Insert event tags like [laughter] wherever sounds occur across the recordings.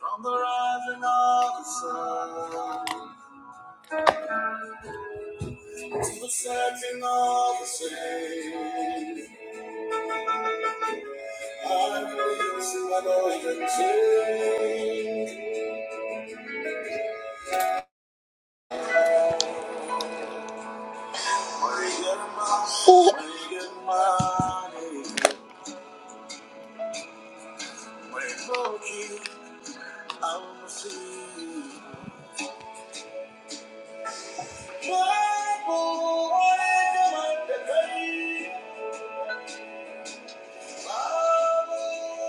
From the rising of the sun to the setting of the same, I will sing my Lord and sing. When you get money, when you get money, when you go king, I will see. Babu, oye, come and take. Babu,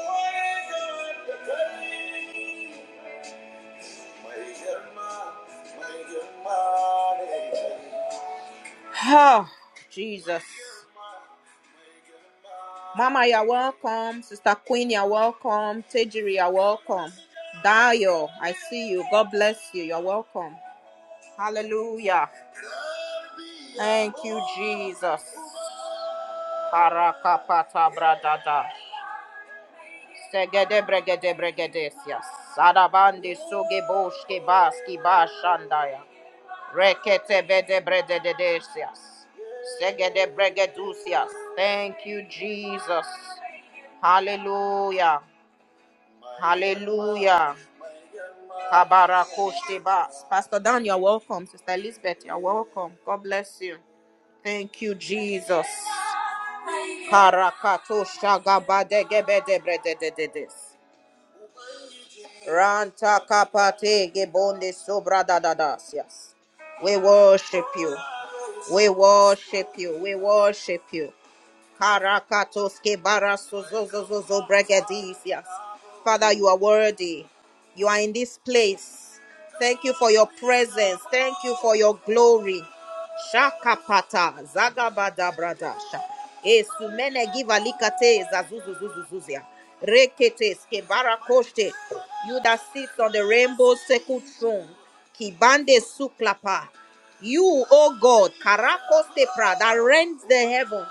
oye, come at the take. Oh, Jesus. Mama, you're welcome. Sister Queen, you're welcome. Tejiri, you're welcome. Dio, I see you. God bless you. You're welcome. Hallelujah. Thank you, Jesus. Harakapata bradada. Segede bregede bregedesia. Sadabandi suge boshke baski bashandaya. Rekete bede brede de desias. Segede bregedusias. Thank you, Jesus. Hallelujah. Hallelujah. Kabarakoshebas. Pastor Dan, you're welcome. Sister Elizabeth, you're welcome. God bless you. Thank you, Jesus. Karakato shagabadegebede brede de de des. Ranta kapate gebonde sobra da Yes. We worship you. We worship you. We worship you. Karakatoske barasozozozozo bregedisias. Father, you are worthy. You are in this place. Thank you for your presence. Thank you for your glory. Shakapata zagabada bradasha. Esumene givalikate zazuzuzuzuzuzia. Rekete skebarakoshte. You that sits on the rainbow circle throne. Kibande suklapa. You, O God, Karakoste pra that rends the heaven.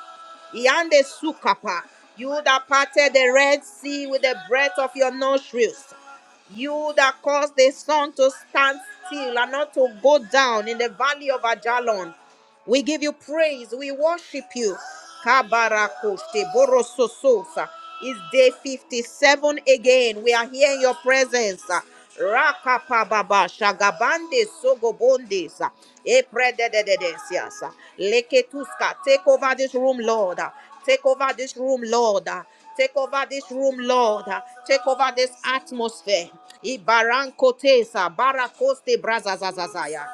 Yande sukapa. You that parted the Red Sea with the breath of your nostrils. You that caused the sun to stand still and not to go down in the valley of Ajalon. We give you praise. We worship you. Kabarakoshte borosososa. It's day 57 again. We are here in your presence. Rakapababa shagabande sogobondes. Eprededededes. Leketuska. Take over this room, Lord. Take over this room, Lord. Take over this room, Lord. Take over this atmosphere. Ibarancote, baracoste brazazazazaya.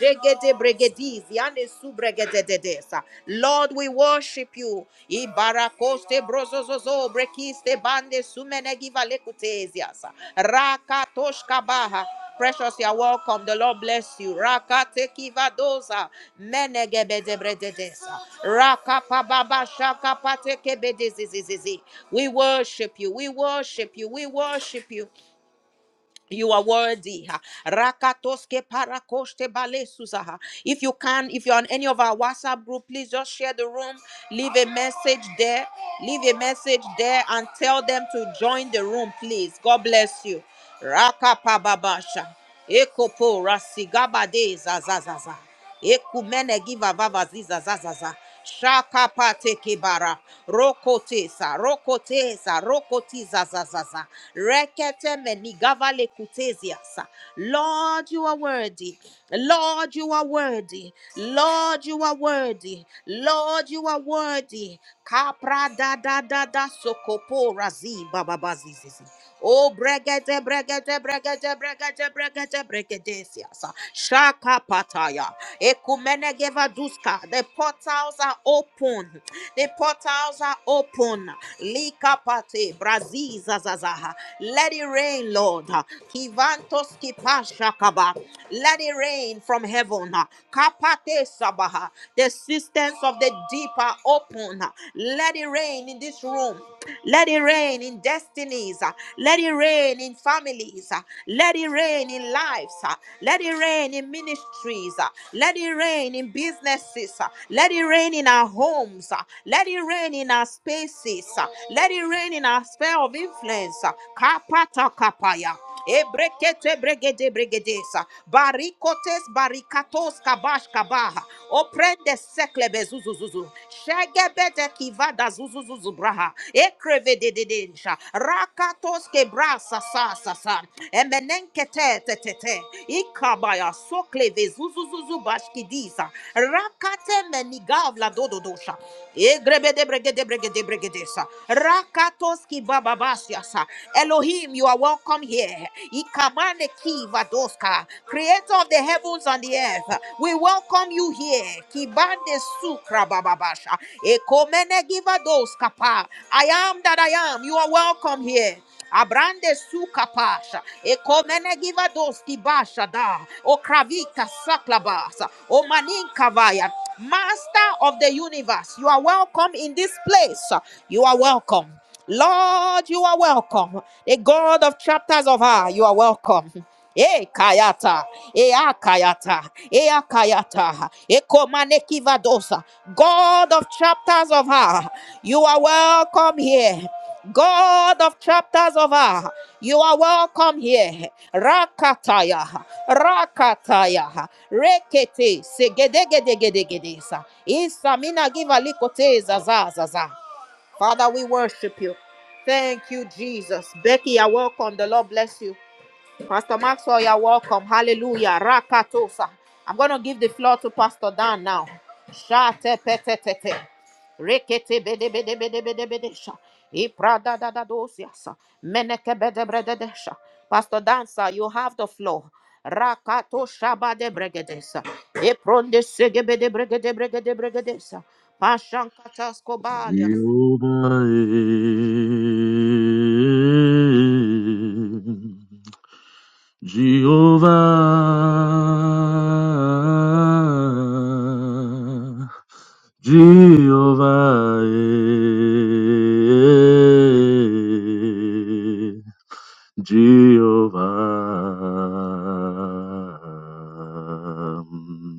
Jegede bregediz, yande subregedededesa. Lord, we worship you. Ibaracoste brozozozo brekiste bande sumene givalekutesias. Rakatoshkabaha. Precious, you are welcome. The Lord bless you. Rakate kivadoza menegebedebrededesa. Rakapababa shakapate kebedezizizizi. We worship you. We worship you. We worship you. You are worthy. ha. Rakatoske parakoshte balesusa, ha. If you can, if you're on any of our WhatsApp group, please just share the room. Leave a message there. Leave a message there and tell them to join the room, please. God bless you. Rakapababasha. Ekopo rasigabade zazazaza. Ekumene giva vava ziza zazaza. Shaka pate kibara. Rokote sa rokote sa rokoti zazazaza. Rekete menigava lekutezia sa. Lord, you are worthy. Lord, you are worthy. Lord, you are worthy. Lord, you are worthy. Kapra da da da da sokopora zi bababazizi. Oh bregete bregete bregete bregete bregete bregete bregedesias. Shaka pataya. Ekumenegeva duska. The portals are open. The portals are open. Lika pate braziza zazaha. Let it rain, Lord. Kivantos kipashakaba. Let it rain from heaven. Kapate sabaha. The systems of the deep are open. Let it rain in this room. Let it rain in destinies. uh, Let it rain in families. uh, Let it rain in lives. uh, Let it rain in ministries. uh, Let it rain in businesses. uh, Let it rain in our homes. uh, Let it rain in our spaces. uh, Let it rain in our sphere of influence. uh, Kapata kapaya. Ebrekete bregede bregedesa. Barikotes barikatos kabash kabaha. Oprende sekle zuzuzuzu. Shegebete kivada zuzuzuzu braha. Ekreve de de densha. Rakatos kebra sasa sasa. Emenenkete te te te. te. Ikabaya sokleve zuzuzuzu bashkidisa. Rakate menigavla dododosha. Egrebe de brege de brege de brege desa. Rakatos kibababasiasa. Elohim, you are welcome here. Ikamane kivadoska. Creator creator of the heavens and the earth, we welcome you here. Kibande sukra bababasha. Ekomene givados kapa. I am that I am. You are welcome here. Abrande suka pasha, ekomene giva kibasha da, o kravika saklabasa, o maninka vaya. Master of the universe, you are welcome in this place. You are welcome. Lord, you are welcome. The God of chapters of her, you are welcome. [laughs] Eh kayata, eh akayata, kayata, akayata, ah, kayata, eh God of chapters of her, you are welcome here. God of chapters of her, you are welcome here. Rakataya, rakataya, rekete, segedegedegedegedesa. Isamina giva likote zazazaza. Father, we worship you. Thank you, Jesus. Becky, you're welcome. The Lord bless you. Pastor Maxwell, you're welcome. Hallelujah. Rakatosa. I'm going to give the floor to Pastor Dan now. Shate petetete. Rekete bede bede bede bede bede sha. Iprada da da dosiasa. Meneke bede brede desha. Pastor Dan, sir, you have the floor. Rakato shaba de bregedesa. Epronde sege bede bregede bregede bregedesa. Pashan katasko balia. Jehovah. Jehovah. Jehovah. Jehovah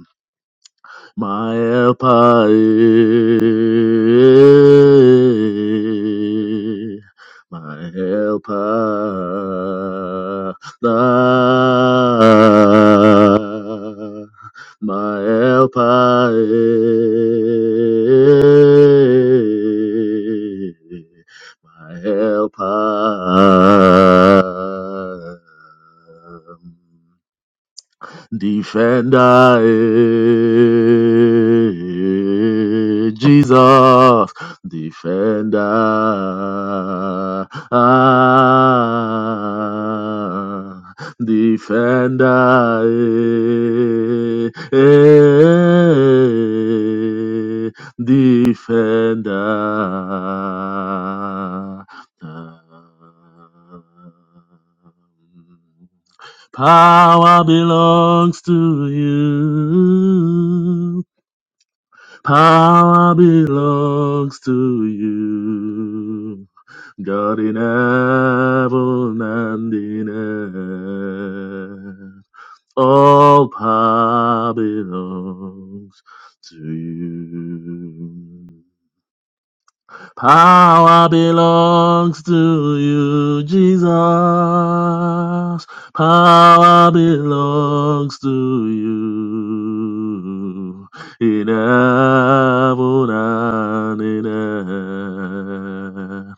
my helper is my helper thou, my helper is my helper defender. eh, Jesus, defender. Ah, defender. eh, eh, defender. Power belongs to you. Power belongs to you. God in heaven and in earth. All power belongs to you. Power belongs to you, Jesus. Power belongs to you in heaven and in earth.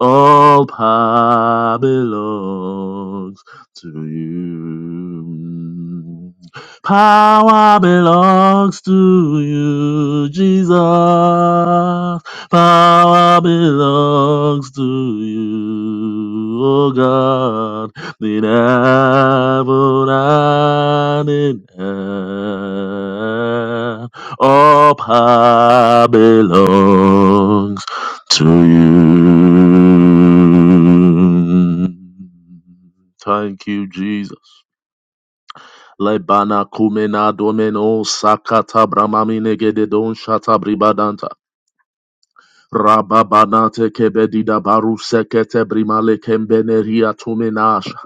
All power belongs to you. Power belongs to you, Jesus. Power belongs to you, oh God, in heaven and in earth. All power belongs to you. Thank you, Jesus. Lebana kumena domeno sakata bramamine gededon shata bribadanta. Rababanate kebedida baru sekete brimale kembeneria tumenasha.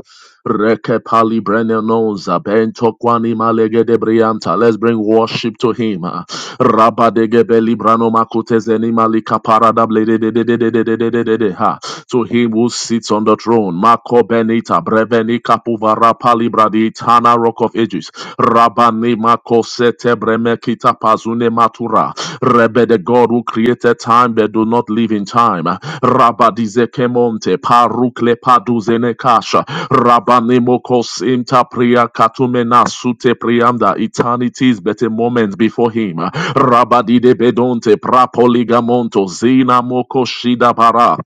Reke pali brenenoza bento kwani malege de brianta. Let's bring worship to him. Rabadege beli brano makutezeni malika parada blede de de de de de de de de de ha to him who sits on the throne. Mako Benita, Breveni Kapuvara Palibradi, Tana Rock of Ages, Rabani Mako Sete Bremekita Pazune Matura, Rebe the God who created time but do not live in time, Rabadize Kemonte, Parukle Paduzene Kasha, Rabani Mokos Inta Priya Katumena Sute Priamda, eternity is but a moment before him, Rabadide Bedonte, Prapoligamonto, Zina Moko Shida Bara,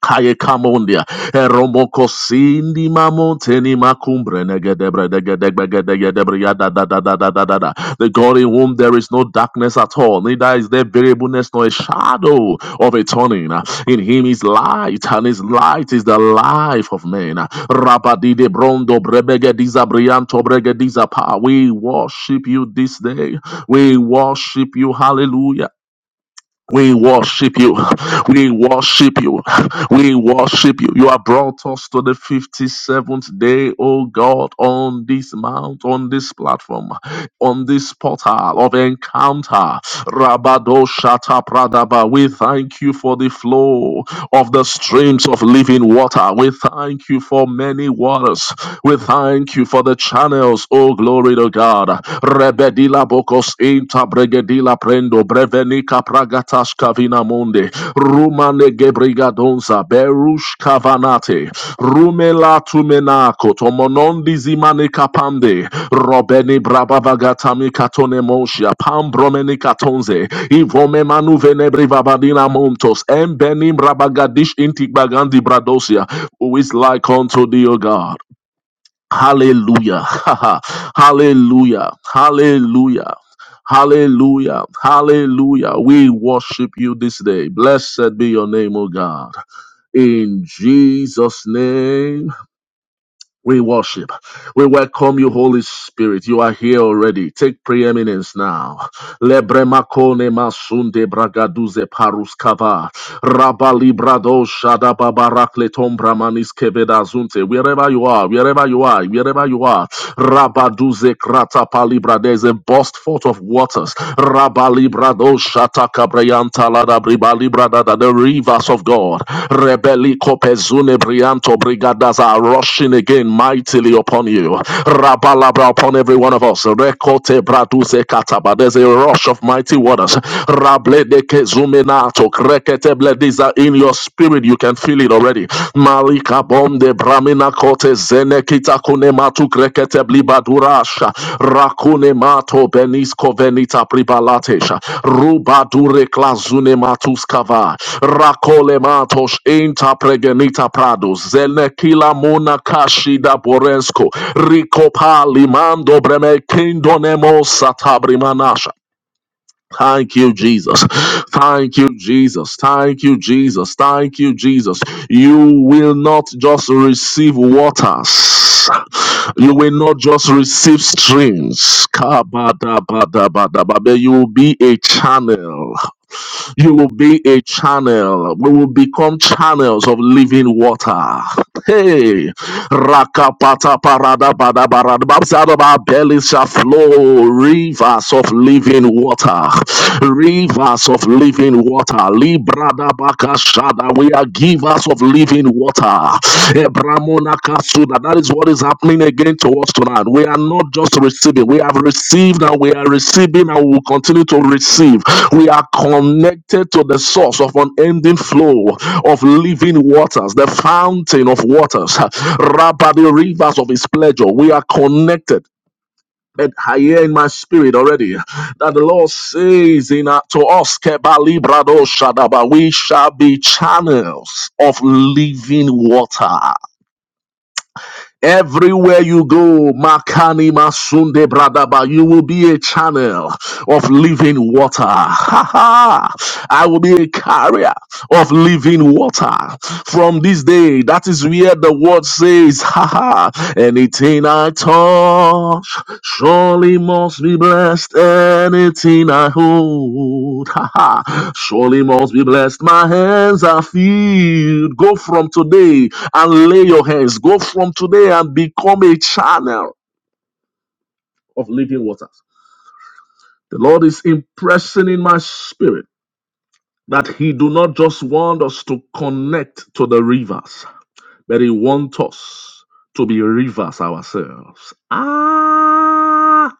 Kaye Kamondia, Eromoko Sindi Mamonteni Makumbre Negedebre Degedebre Gedegedebre Yada Da Da Da Da Da Da Da. The God in whom there is no darkness at all, neither is there variableness nor a shadow of a turning. In him is light, and his light is the life of men. Rabadide Brondo Brebegediza Brianto Bregediza Pa. We worship you this day. We worship you. Hallelujah. We worship you. We worship you. We worship you. You have brought us to the 57th day, O God, on this mount, on this platform, on this portal of encounter. Rabado Shata Pradaba. We thank you for the flow of the streams of living water. We thank you for many waters. We thank you for the channels. Oh, glory to God. Rebedila bokos inta bregedila prendo brevenika pragatas kavina monde. Rumane gebrigadonza berush kavana Mate, Rumela Tumenako, Tomonondi Zimane Kapande, Robeni Brabavagatami Katone Moshia, Pambromeni Katonze, Ivome Manu Venebri Vavadina Montos, Embenim Rabagadish Intigbagandi Bradosia, who is like unto thee, O God. Hallelujah. [laughs] Hallelujah. Hallelujah. Hallelujah. Hallelujah. We worship you this day. Blessed be your name, O God. In Jesus' name. We worship. We welcome you, Holy Spirit. You are here already. Take preeminence now. Lebremakone masunde bragaduze paruskava. Rabali shadababarakleton bramanis kevedazunte. Wherever you are, wherever you are, wherever you are. Rabaduze krata palibra. There's a burst forth of waters. Rabali brado Makabrayantala da bribali brada da the rivers of God. Rebeli kopezune brianto brigadas are rushing again mightily upon you. Rabalabra upon every one of us. Rekote braduse kataba. There's a rush of mighty waters. Rable de kezumenato krekete blediza in your spirit. You can feel it already. Malika bombe bram Ramina kote zene kita kune matu krekete blibadurasha. Rakune mato benisko venita pribalatesha. Ruba dure klazune matus kava. Rakole matos inta pregenita prado. Zene kila mona kashi da borensko. Rico pali mando breme kindonemo satabri Thank you, Jesus. Thank you, Jesus. Thank you, Jesus. Thank you, Jesus. You will not just receive waters. You will not just receive streams. Kabadabadabadaba, But you will be a channel. You will be a channel. We will become channels of living water. Hey, rakapata parada bada barada. Bible says, Out of our bellies shall flow rivers of living water. Rivers of living water. Librada bakashada. We are givers of living water. Ebramona kasuda. That is what is happening again to us tonight. We are not just receiving. We have received and we are receiving and we will continue to receive. We are connected to the source of unending flow of living waters, the fountain of waters, Rabba, the rivers of His pleasure. We are connected. And I hear in my spirit already that the Lord says in uh, to us, Kebali Brado Shadaba, we shall be channels of living water. Everywhere you go, Makani Masunde Bradaba, you will be a channel of living water. [laughs] Ha ha! I will be a carrier of living water. From this day, that is where the word says, [laughs] Ha ha! Anything I touch surely must be blessed. Anything I hold, [laughs] Ha ha! surely must be blessed. My hands are filled. Go from today and lay your hands. Go from today and become a channel of living waters. The Lord is impressing in my spirit that He do not just want us to connect to the rivers, but He wants us to be rivers ourselves. Ah!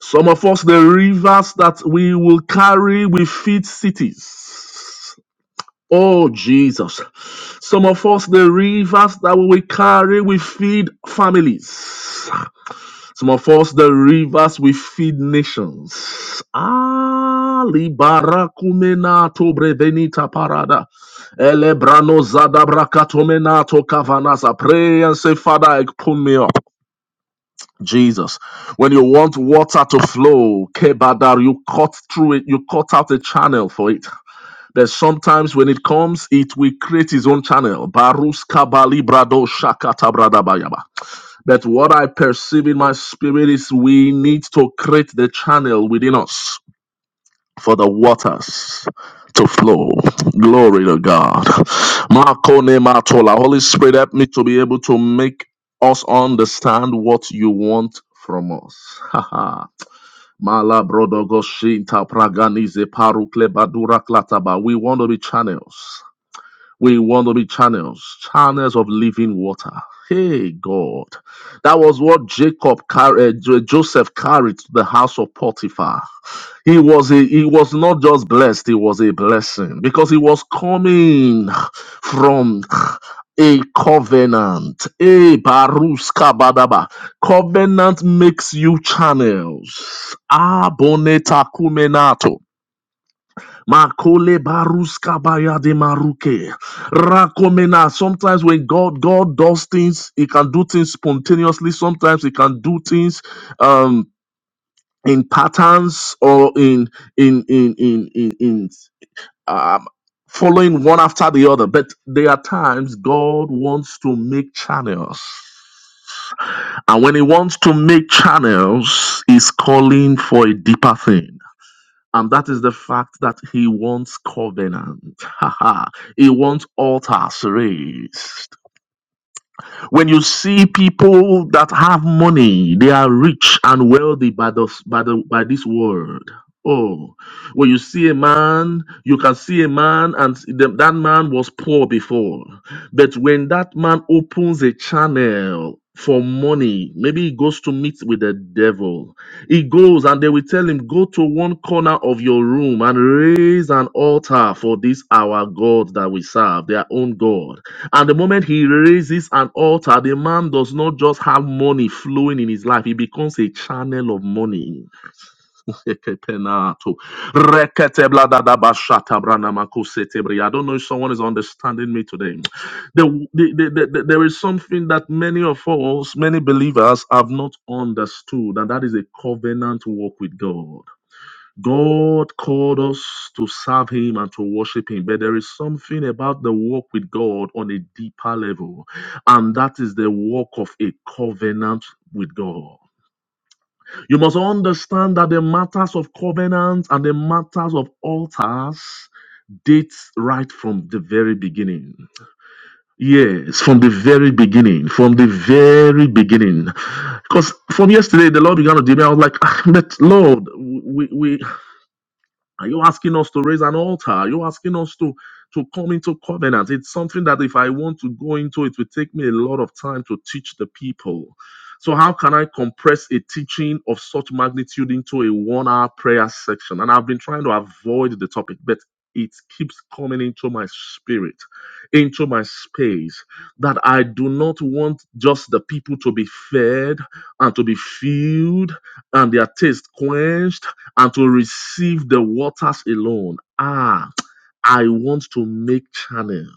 Some of us, the rivers that we will carry, we feed cities. Oh, Jesus. Some of us, the rivers that we carry, we feed families. Some of us, the rivers we feed nations. Ah, libarakumena to brevenita parada. Elebrano zadabrakatomena to kavanasa. Pray and say, Father, I pull me up. Jesus, when you want water to flow, kebadar, you cut through it, you cut out a channel for it. But sometimes when it comes, it will create its own channel. Barus kabali brado shakata brada bayaba. But what I perceive in my spirit is we need to create the channel within us for the waters to flow. Glory to God. Makone matola. Holy Spirit, help me to be able to make us understand what you want from us. Haha. Mala brodogo shinta praganize parukle badura klataba. We want to be channels. We want to be channels, channels of living water. Hey, God. That was what Jacob carried, Joseph carried to the house of Potiphar. He was a, he was not just blessed, he was a blessing because he was coming from a covenant. A baruska badaba. Covenant makes you channels. Aboneta kumenato. Makole baruska baya de maruke. Rakomena. Sometimes when God God does things, He can do things spontaneously. Sometimes He can do things um in patterns or in in in in in, in um, following one after the other. But there are times God wants to make channels. And when he wants to make channels, he's calling for a deeper thing. And that is the fact that he wants covenant. [laughs] Haha. he wants altars raised. When you see people that have money, they are rich and wealthy by the, by the by this world. Oh, when you see a man, you can see a man, and the- that man was poor before. But when that man opens a channel for money, maybe he goes to meet with the devil. He goes and they will tell him, Go to one corner of your room and raise an altar for this our God that we serve, their own God. And the moment he raises an altar, the man does not just have money flowing in his life, he becomes a channel of money. Ekepenato. Reketebladadabashatabranamakosetebri. I don't know if someone is understanding me today. The- the- the- the- there is something that many of us, many believers, have not understood, and that is a covenant walk with God. God called us to serve Him and to worship Him, but there is something about the walk with God on a deeper level, and that is the walk of a covenant with God. You must understand that the matters of covenants and the matters of altars dates right from the very beginning. Yes, from the very beginning, from the very beginning. Because from yesterday, the Lord began to deal me. I was like, "Ah, but Lord, we, we, are you asking us to raise an altar? Are you asking us to to come into covenant? It's something that if I want to go into, it will take me a lot of time to teach the people. So how can I compress a teaching of such magnitude into a one-hour prayer section? And I've been trying to avoid the topic, but it keeps coming into my spirit, into my space, that I do not want just the people to be fed and to be filled and their taste quenched and to receive the waters alone. Ah, I want to make channels.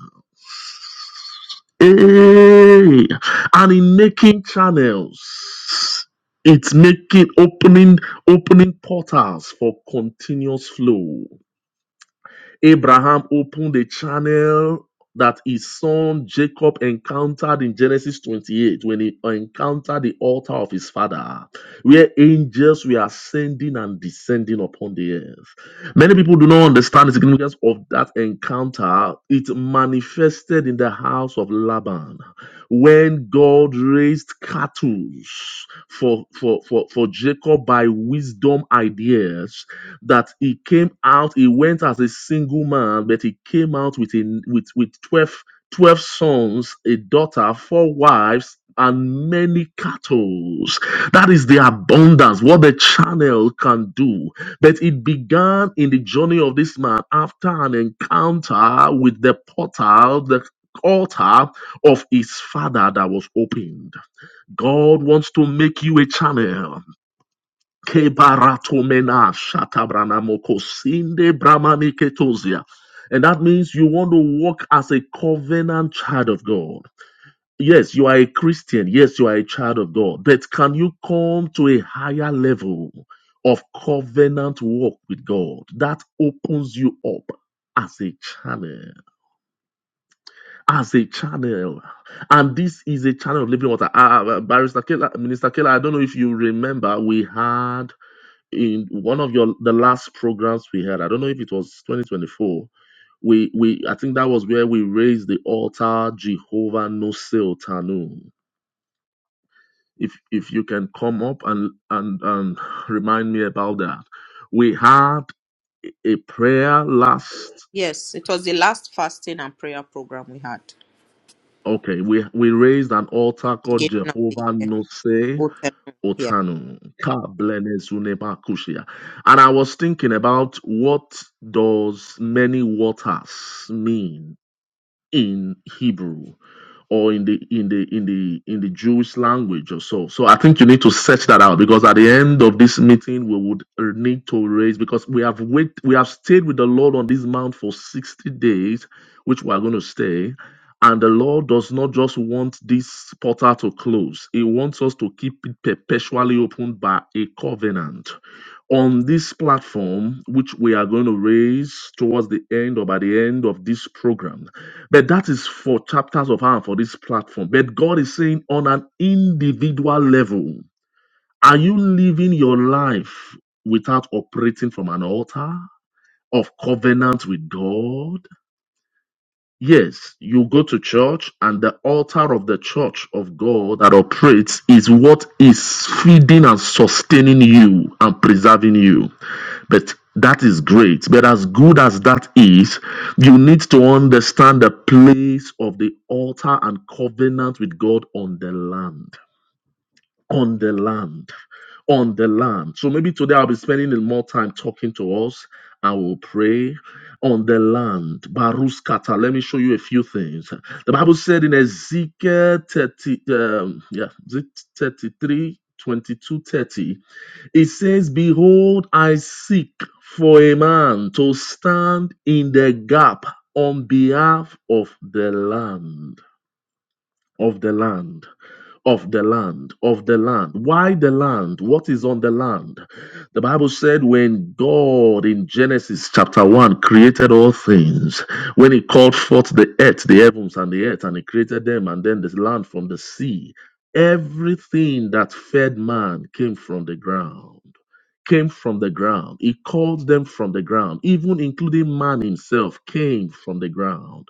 Hey, and in making channels, it's making opening opening portals for continuous flow. Abraham opened a channel that his son Jacob encountered in Genesis 28 when he encountered the altar of his father, where angels were ascending and descending upon the earth. Many people do not understand the significance of that encounter. It manifested in the house of Laban when God raised cattle for, for, for, for Jacob by wisdom ideas that he came out he went as a single man but he came out with a with with 12 12 sons a daughter four wives and many cattle that is the abundance what the channel can do but it began in the journey of this man after an encounter with the portal the altar of his father that was opened god wants to make you a channel Kebaratomena shatabranamokosinde bramaniketosia. And that means you want to walk as a covenant child of God. Yes, you are a Christian. Yes, you are a child of God. But can you come to a higher level of covenant walk with God? That opens you up as a channel. As a channel. And this is a channel of living water. Uh, Barrister Kela, Minister Keller, I don't know if you remember, we had in one of your the last programs we had i don't know if it was 2024 we we i think that was where we raised the altar jehovah no tanu if if you can come up and and and [sighs] remind me about that we had a prayer last Yes, it was the last fasting and prayer program we had. okay we we raised an altar called Beginning of the jehovah year. no Otenu. Yes. Otanu. Ka blene zune ba kushia. And I was thinking about what does many waters mean in Hebrew or in the in the in the in the Jewish language or so. So I think you need to search that out because at the end of this meeting we would uh, need to raise because we have wait we have stayed with the Lord on this mount for 60 days, which we are going to stay. And the Lord does not just want this portal to close. He wants us to keep it perpetually open by a covenant. On this platform, which we are going to raise towards the end or by the end of this program, but that is for chapters of hand for this platform. But God is saying on an individual level, are you living your life without operating from an altar of covenant with God? Yes, you go to church, and the altar of the church of God that operates is what is feeding and sustaining you and preserving you. But that is great. But as good as that is, you need to understand the place of the altar and covenant with God on the land. On the land. On the land. So maybe today I'll be spending more time talking to us. I will pray on the land. Baruskata. Let me show you a few things. The Bible said in Ezekiel 30, um, yeah, is it 33, twenty-two, thirty, it says, Behold, I seek for a man to stand in the gap on behalf of the land, of the land, of the land, of the land. Why the land? What is on the land? The Bible said, when God in Genesis chapter 1 created all things, when He called forth the earth, the heavens, and the earth, and He created them, and then the land from the sea, everything that fed man came from the ground came from the ground. He called them from the ground, even including man himself came from the ground.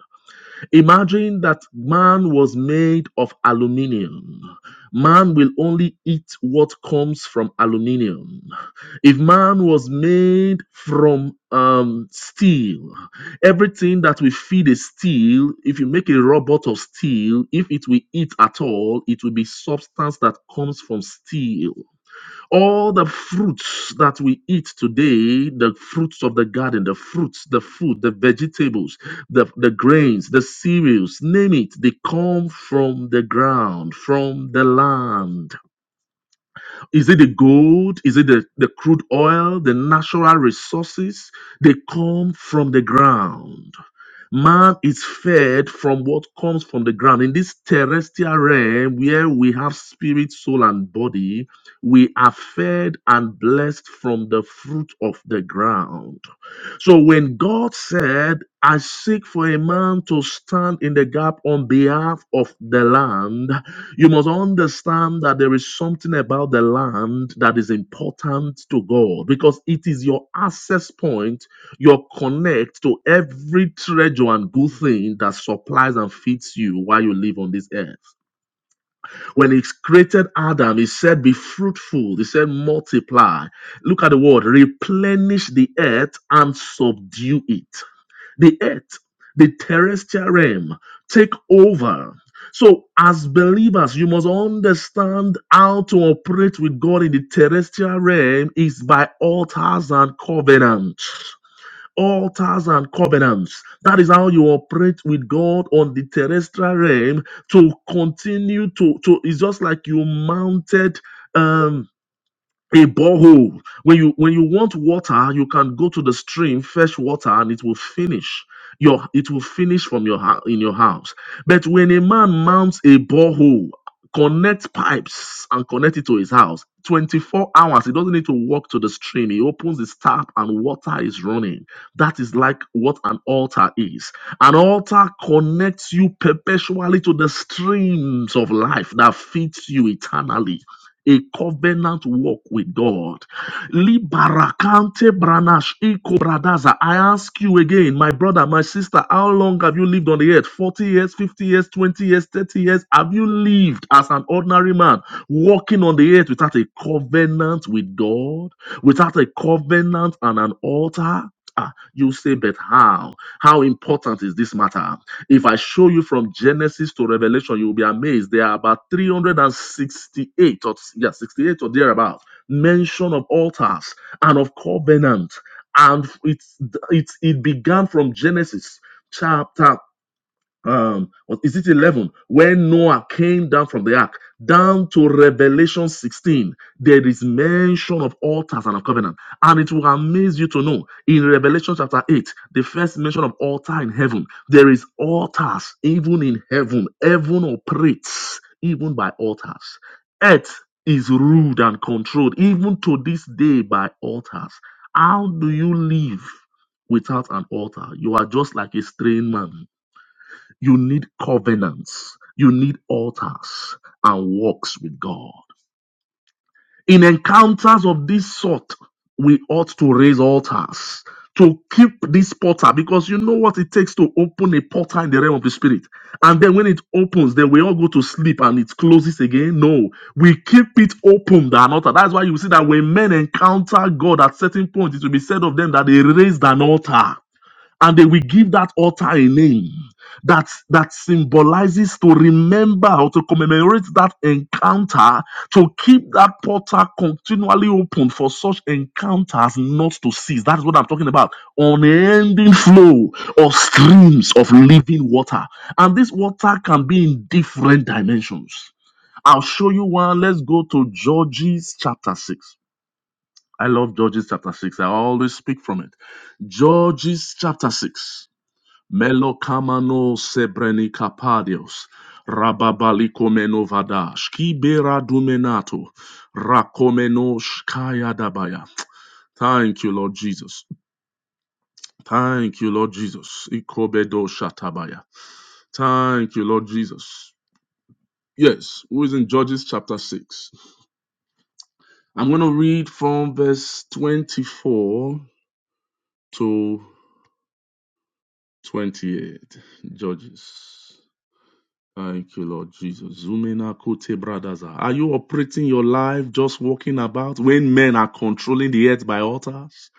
Imagine that man was made of aluminium. Man will only eat what comes from aluminium. If man was made from um, steel, everything that we feed is steel. If you make a robot of steel, if it will eat at all, it will be substance that comes from steel all the fruits that we eat today the fruits of the garden the fruits the food the vegetables the, the grains the cereals name it they come from the ground from the land is it the gold is it the, the crude oil the natural resources they come from the ground Man is fed from what comes from the ground. In this terrestrial realm where we have spirit, soul, and body, we are fed and blessed from the fruit of the ground. So when God said, I seek for a man to stand in the gap on behalf of the land, you must understand that there is something about the land that is important to God because it is your access point, your connect to every treasure and good thing that supplies and feeds you while you live on this earth when he created Adam, he said, Be fruitful. He said, Multiply. Look at the word replenish the earth and subdue it. The earth, the terrestrial realm, take over. So, as believers, you must understand how to operate with God in the terrestrial realm is by altars and covenants altars and covenants. That is how you operate with God on the terrestrial realm to continue to, to it's just like you mounted um a borehole when you when you want water you can go to the stream fetch water and it will finish your it will finish from your house in your house but when a man mounts a borehole connect pipes and connect it to his house 24 hours he doesn't need to walk to the stream he opens his tap and water is running that is like what an altar is an altar connects you perpetually to the streams of life that feeds you eternally a covenant walk with God. Libarakante branash iko bradaza. I ask you again, my brother, my sister, how long have you lived on the earth? 40 years, 50 years, 20 years, 30 years? Have you lived as an ordinary man walking on the earth without a covenant with God, without a covenant and an altar? Ah, you say, but how? How important is this matter? If I show you from Genesis to Revelation, you'll be amazed. There are about 368 or yeah, 68 or thereabout mention of altars and of covenant. And it's it's it began from Genesis chapter um what is it 11 when noah came down from the ark down to revelation 16 there is mention of altars and of covenant and it will amaze you to know in revelation chapter 8 the first mention of altar in heaven there is altars even in heaven heaven operates even by altars earth is ruled and controlled even to this day by altars how do you live without an altar you are just like a strange man you need covenants, you need altars and walks with God. In encounters of this sort, we ought to raise altars to keep this portal because you know what it takes to open a portal in the realm of the spirit. And then when it opens, then we all go to sleep and it closes again. No, we keep it open, the altar. That's why you see that when men encounter God at certain points, it will be said of them that they raised an altar and they will give that altar a name that that symbolizes to remember or to commemorate that encounter to keep that portal continually open for such encounters not to cease that's what i'm talking about unending flow of streams of living water and this water can be in different dimensions i'll show you one let's go to judges chapter 6 i love judges chapter 6 i always speak from it judges chapter 6 Melokamano sebrenikapadios. Rababalikomeno vadash. Kibera dumenato. Rakomeno shkaya dabaya. Thank you, Lord Jesus. Thank you, Lord Jesus. Ikobedo shatabaya. Thank you, Lord Jesus. Yes, who is in Judges chapter 6. I'm going to read from verse 24 to 28. Judges. Thank you, Lord Jesus. Zumena kote bradaza. Are you operating your life just walking about when men are controlling the earth by altars?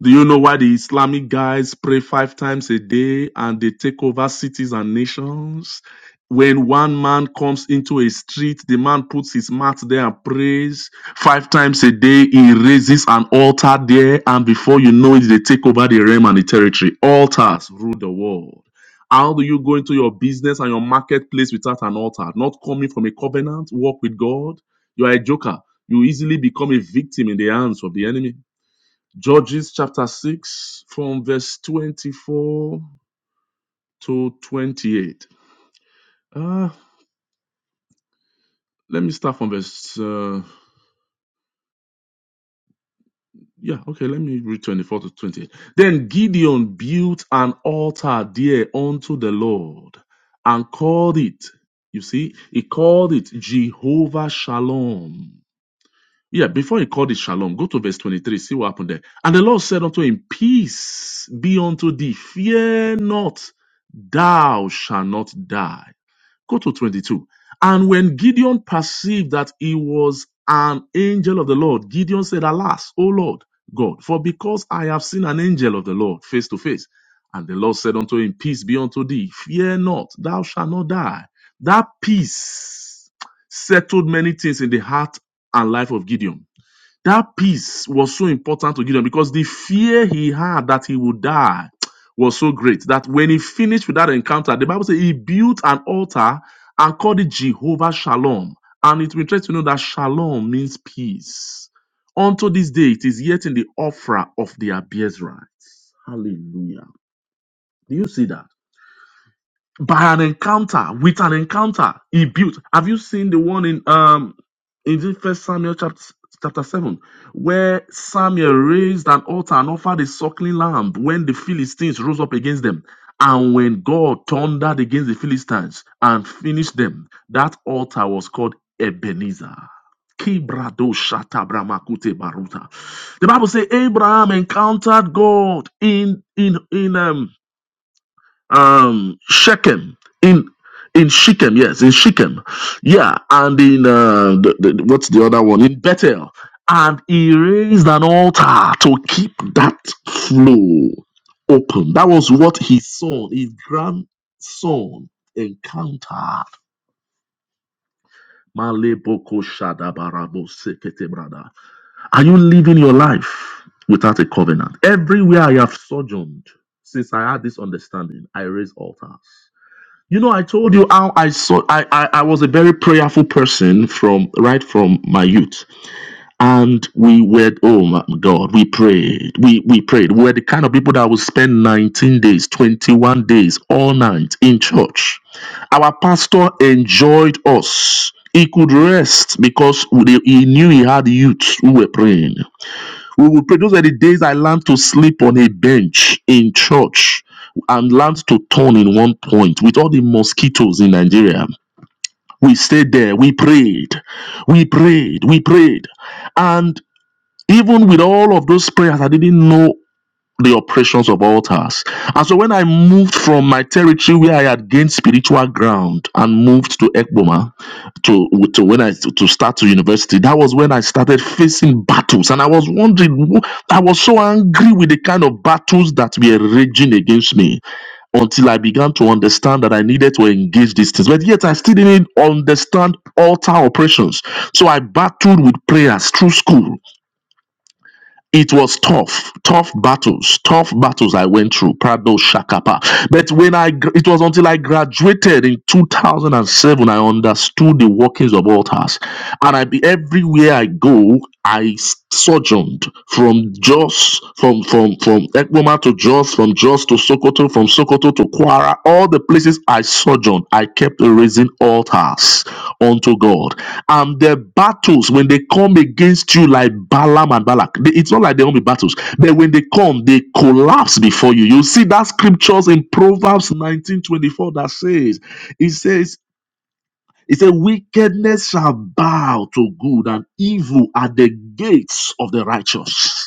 Do you know why the Islamic guys pray five times a day and they take over cities and nations? When one man comes into a street, the man puts his mat there and prays five times a day. He raises an altar there, and before you know it, they take over the realm and the territory. Altars rule the world. How do you go into your business and your marketplace without an altar? Not coming from a covenant walk with God. You are a joker. You easily become a victim in the hands of the enemy. Judges chapter 6, from verse 24 to 28. Uh, let me start from verse. Uh, yeah, okay, let me read 24 to 28. Then Gideon built an altar there unto the Lord and called it, you see, he called it Jehovah Shalom Yeah, before he called it shalom, go to verse 23, see what happened there. And the Lord said unto him, Peace be unto thee, fear not, thou shalt not die. Go to 22. And when Gideon perceived that he was an angel of the Lord, Gideon said, Alas, O Lord God, for because I have seen an angel of the Lord face to face. And the Lord said unto him, Peace be unto thee, fear not, thou shalt not die. That peace settled many things in the heart and life of Gideon that peace was so important to Gideon because the fear he had that he would die was so great that when he finished with that encounter, the Bible says he built an altar and called it Jehovah Shalom. And it will interesting to know that Shalom means peace. Unto this day, it is yet in the offering of the Abiezrites. Hallelujah. Do you see that? by an encounter with an encounter he built have you seen the one in um in first samuel chapter chapter 7 where samuel raised an altar and offered a suckling lamb when the philistines rose up against them and when god thundered against the philistines and finished them that altar was called ebenezer Kibrado shatabramakute baruta. the bible says abraham encountered god in in in um um Shechem in in Shechem, yes, in Shechem, yeah, and in uh, the, the, what's the other one in Bethel, and he raised an altar to keep that flow open. That was what his son, his grandson, encountered. Male boko shadabarabo sekete brother Are you living your life without a covenant? Everywhere I have sojourned since I had this understanding, I raise altars. You know, I told you how I saw I, I I was a very prayerful person from right from my youth. And we were oh my God, we prayed. We we prayed. We were the kind of people that would spend 19 days, 21 days, all night in church. Our pastor enjoyed us. He could rest because we- he knew he had youth who were praying. We will pray. Those are the days I learned to sleep on a bench in church and learned to turn in one point with all the mosquitoes in Nigeria. We stayed there. We prayed. We prayed. We prayed. And even with all of those prayers, I didn't know the operations of altars. And so when I moved from my territory where I had gained spiritual ground and moved to Ekboma to, to when I to start to university, that was when I started facing battles. And I was wondering, I was so angry with the kind of battles that were raging against me until I began to understand that I needed to engage these things. But yet I still didn't understand altar operations. So I battled with prayers through school it was tough, tough battles, tough battles I went through. Prado Shakapa. But when I, gr- it was until I graduated in 2007, I understood the workings of altars, and I be everywhere I go, I sojourned from Jos, from from from Ekboma to Jos, from Jos to Sokoto, from Sokoto to Kwara, all the places I sojourned, I kept raising altars unto God. And the battles, when they come against you like Balaam and Balak, they- it's not like they only battles, but when they come, they collapse before you. You see that scriptures in Proverbs 19:24 that says, it says, it says, wickedness shall bow to good and evil at the gates of the righteous.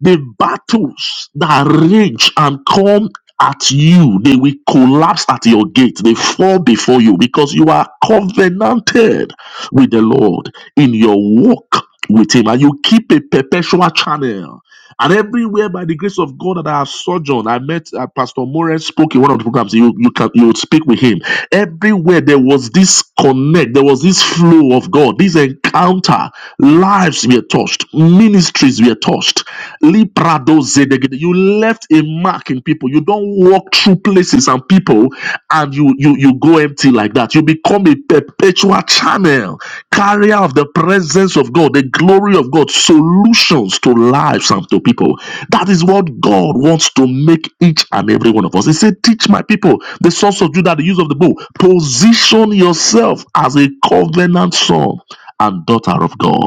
The battles that rage and come at you, they will collapse at your gate. They fall before you because you are covenanted with the Lord in your walk with Him and you keep a perpetual channel and everywhere by the grace of God that I have sojourned, I met uh, Pastor Morris spoke in one of the programs. You you can you would speak with him. Everywhere there was this connect, there was this flow of God, this encounter. Lives were touched, ministries were touched. Librado zedegede. You left a mark in people. You don't walk through places and people and you you you go empty like that. You become a perpetual channel carrier of the presence of God, the glory of God, solutions to lives and to people. That is what God wants to make each and every one of us. He said, Teach my people the sons of Judah the use of the bow. Position yourself as a covenant son and daughter of God,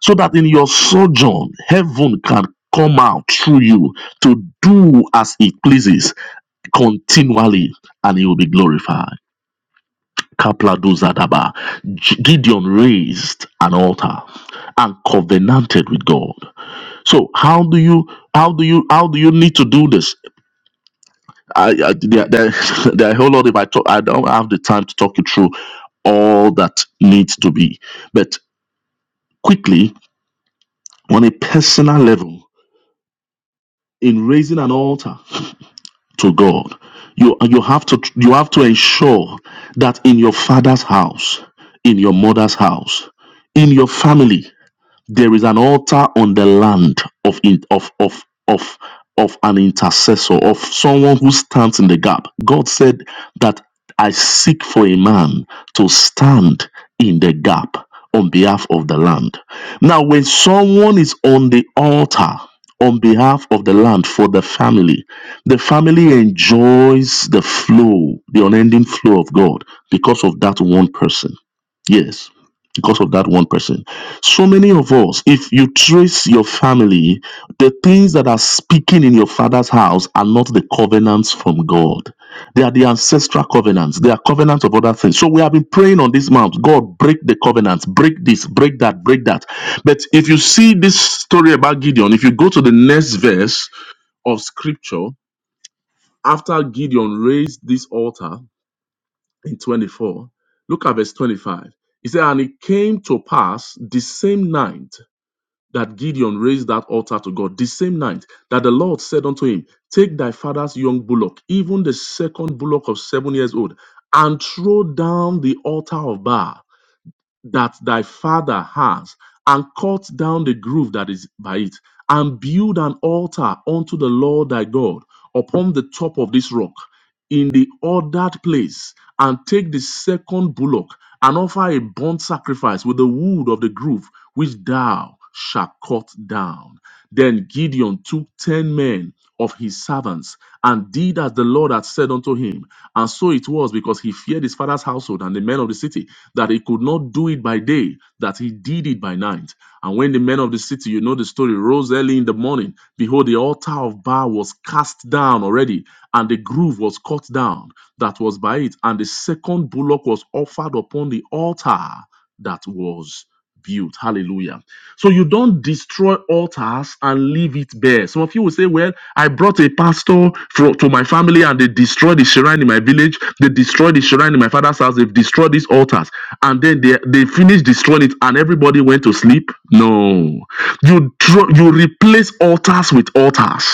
so that in your sojourn, heaven can come out through you to do as it pleases continually, and it will be glorified. Kapladozadaba. G- Gideon raised an altar and covenanted with God. So how do you how do you how do you need to do this? I, I there, there, [laughs] there are a whole lot if I talk I don't have the time to talk you through all that needs to be. But quickly, on a personal level, in raising an altar to God, you you have to you have to ensure that in your father's house, in your mother's house, in your family. There is an altar on the land of in, of of of of an intercessor, of someone who stands in the gap. God said that I seek for a man to stand in the gap on behalf of the land. Now, when someone is on the altar on behalf of the land for the family, the family enjoys the flow, the unending flow of God because of that one person. Yes because of that one person. So many of us, if you trace your family, the things that are speaking in your father's house are not the covenants from God. They are the ancestral covenants. They are covenants of other things. So we have been praying on this mount. God, break the covenants, break this, break that, break that. But if you see this story about Gideon, if you go to the next verse of scripture, after Gideon raised this altar, in 24. Look at verse 25. He said, And it came to pass the same night that Gideon raised that altar to God, the same night that the Lord said unto him, Take thy father's young bullock, even the second bullock of seven years old, and throw down the altar of Baal that thy father has, and cut down the grove that is by it, and build an altar unto the Lord thy God upon the top of this rock, in the ordered place, and take the second bullock, and offer a burnt sacrifice with the wood of the grove which thou shalt cut down. Then Gideon took ten men of his servants, and did as the Lord had said unto him. And so it was because he feared his father's household and the the men of the city that he could not do it by day, that he did it by night. And when the men of the city, you know the story, rose early in the morning, behold, the altar of Baal was cast down already, and the groove was cut down that was by it, and the second bullock was offered upon the altar that was built. Hallelujah. So you don't destroy altars and leave it bare. Some of you will say, Well, I brought a pastor fro- to my family and they destroyed the shrine in my village. They destroyed the shrine in my father's house. They've destroyed these altars. And then they, they finished destroying it and everybody went to sleep. No. You, dro- you replace altars with altars.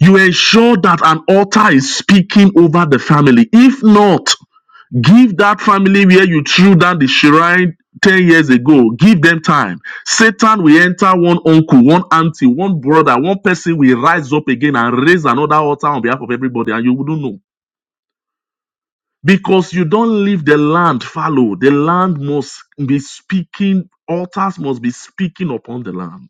You ensure that an altar is speaking over the family. If not, Give that family where you threw down the shrine 10 years ago. Give them time. Satan will enter one uncle, one auntie, one brother, one person will rise up again and raise another altar on behalf of everybody, and you wouldn't know. Because you don't leave the land fallow. The land must be speaking, altars must be speaking upon the land.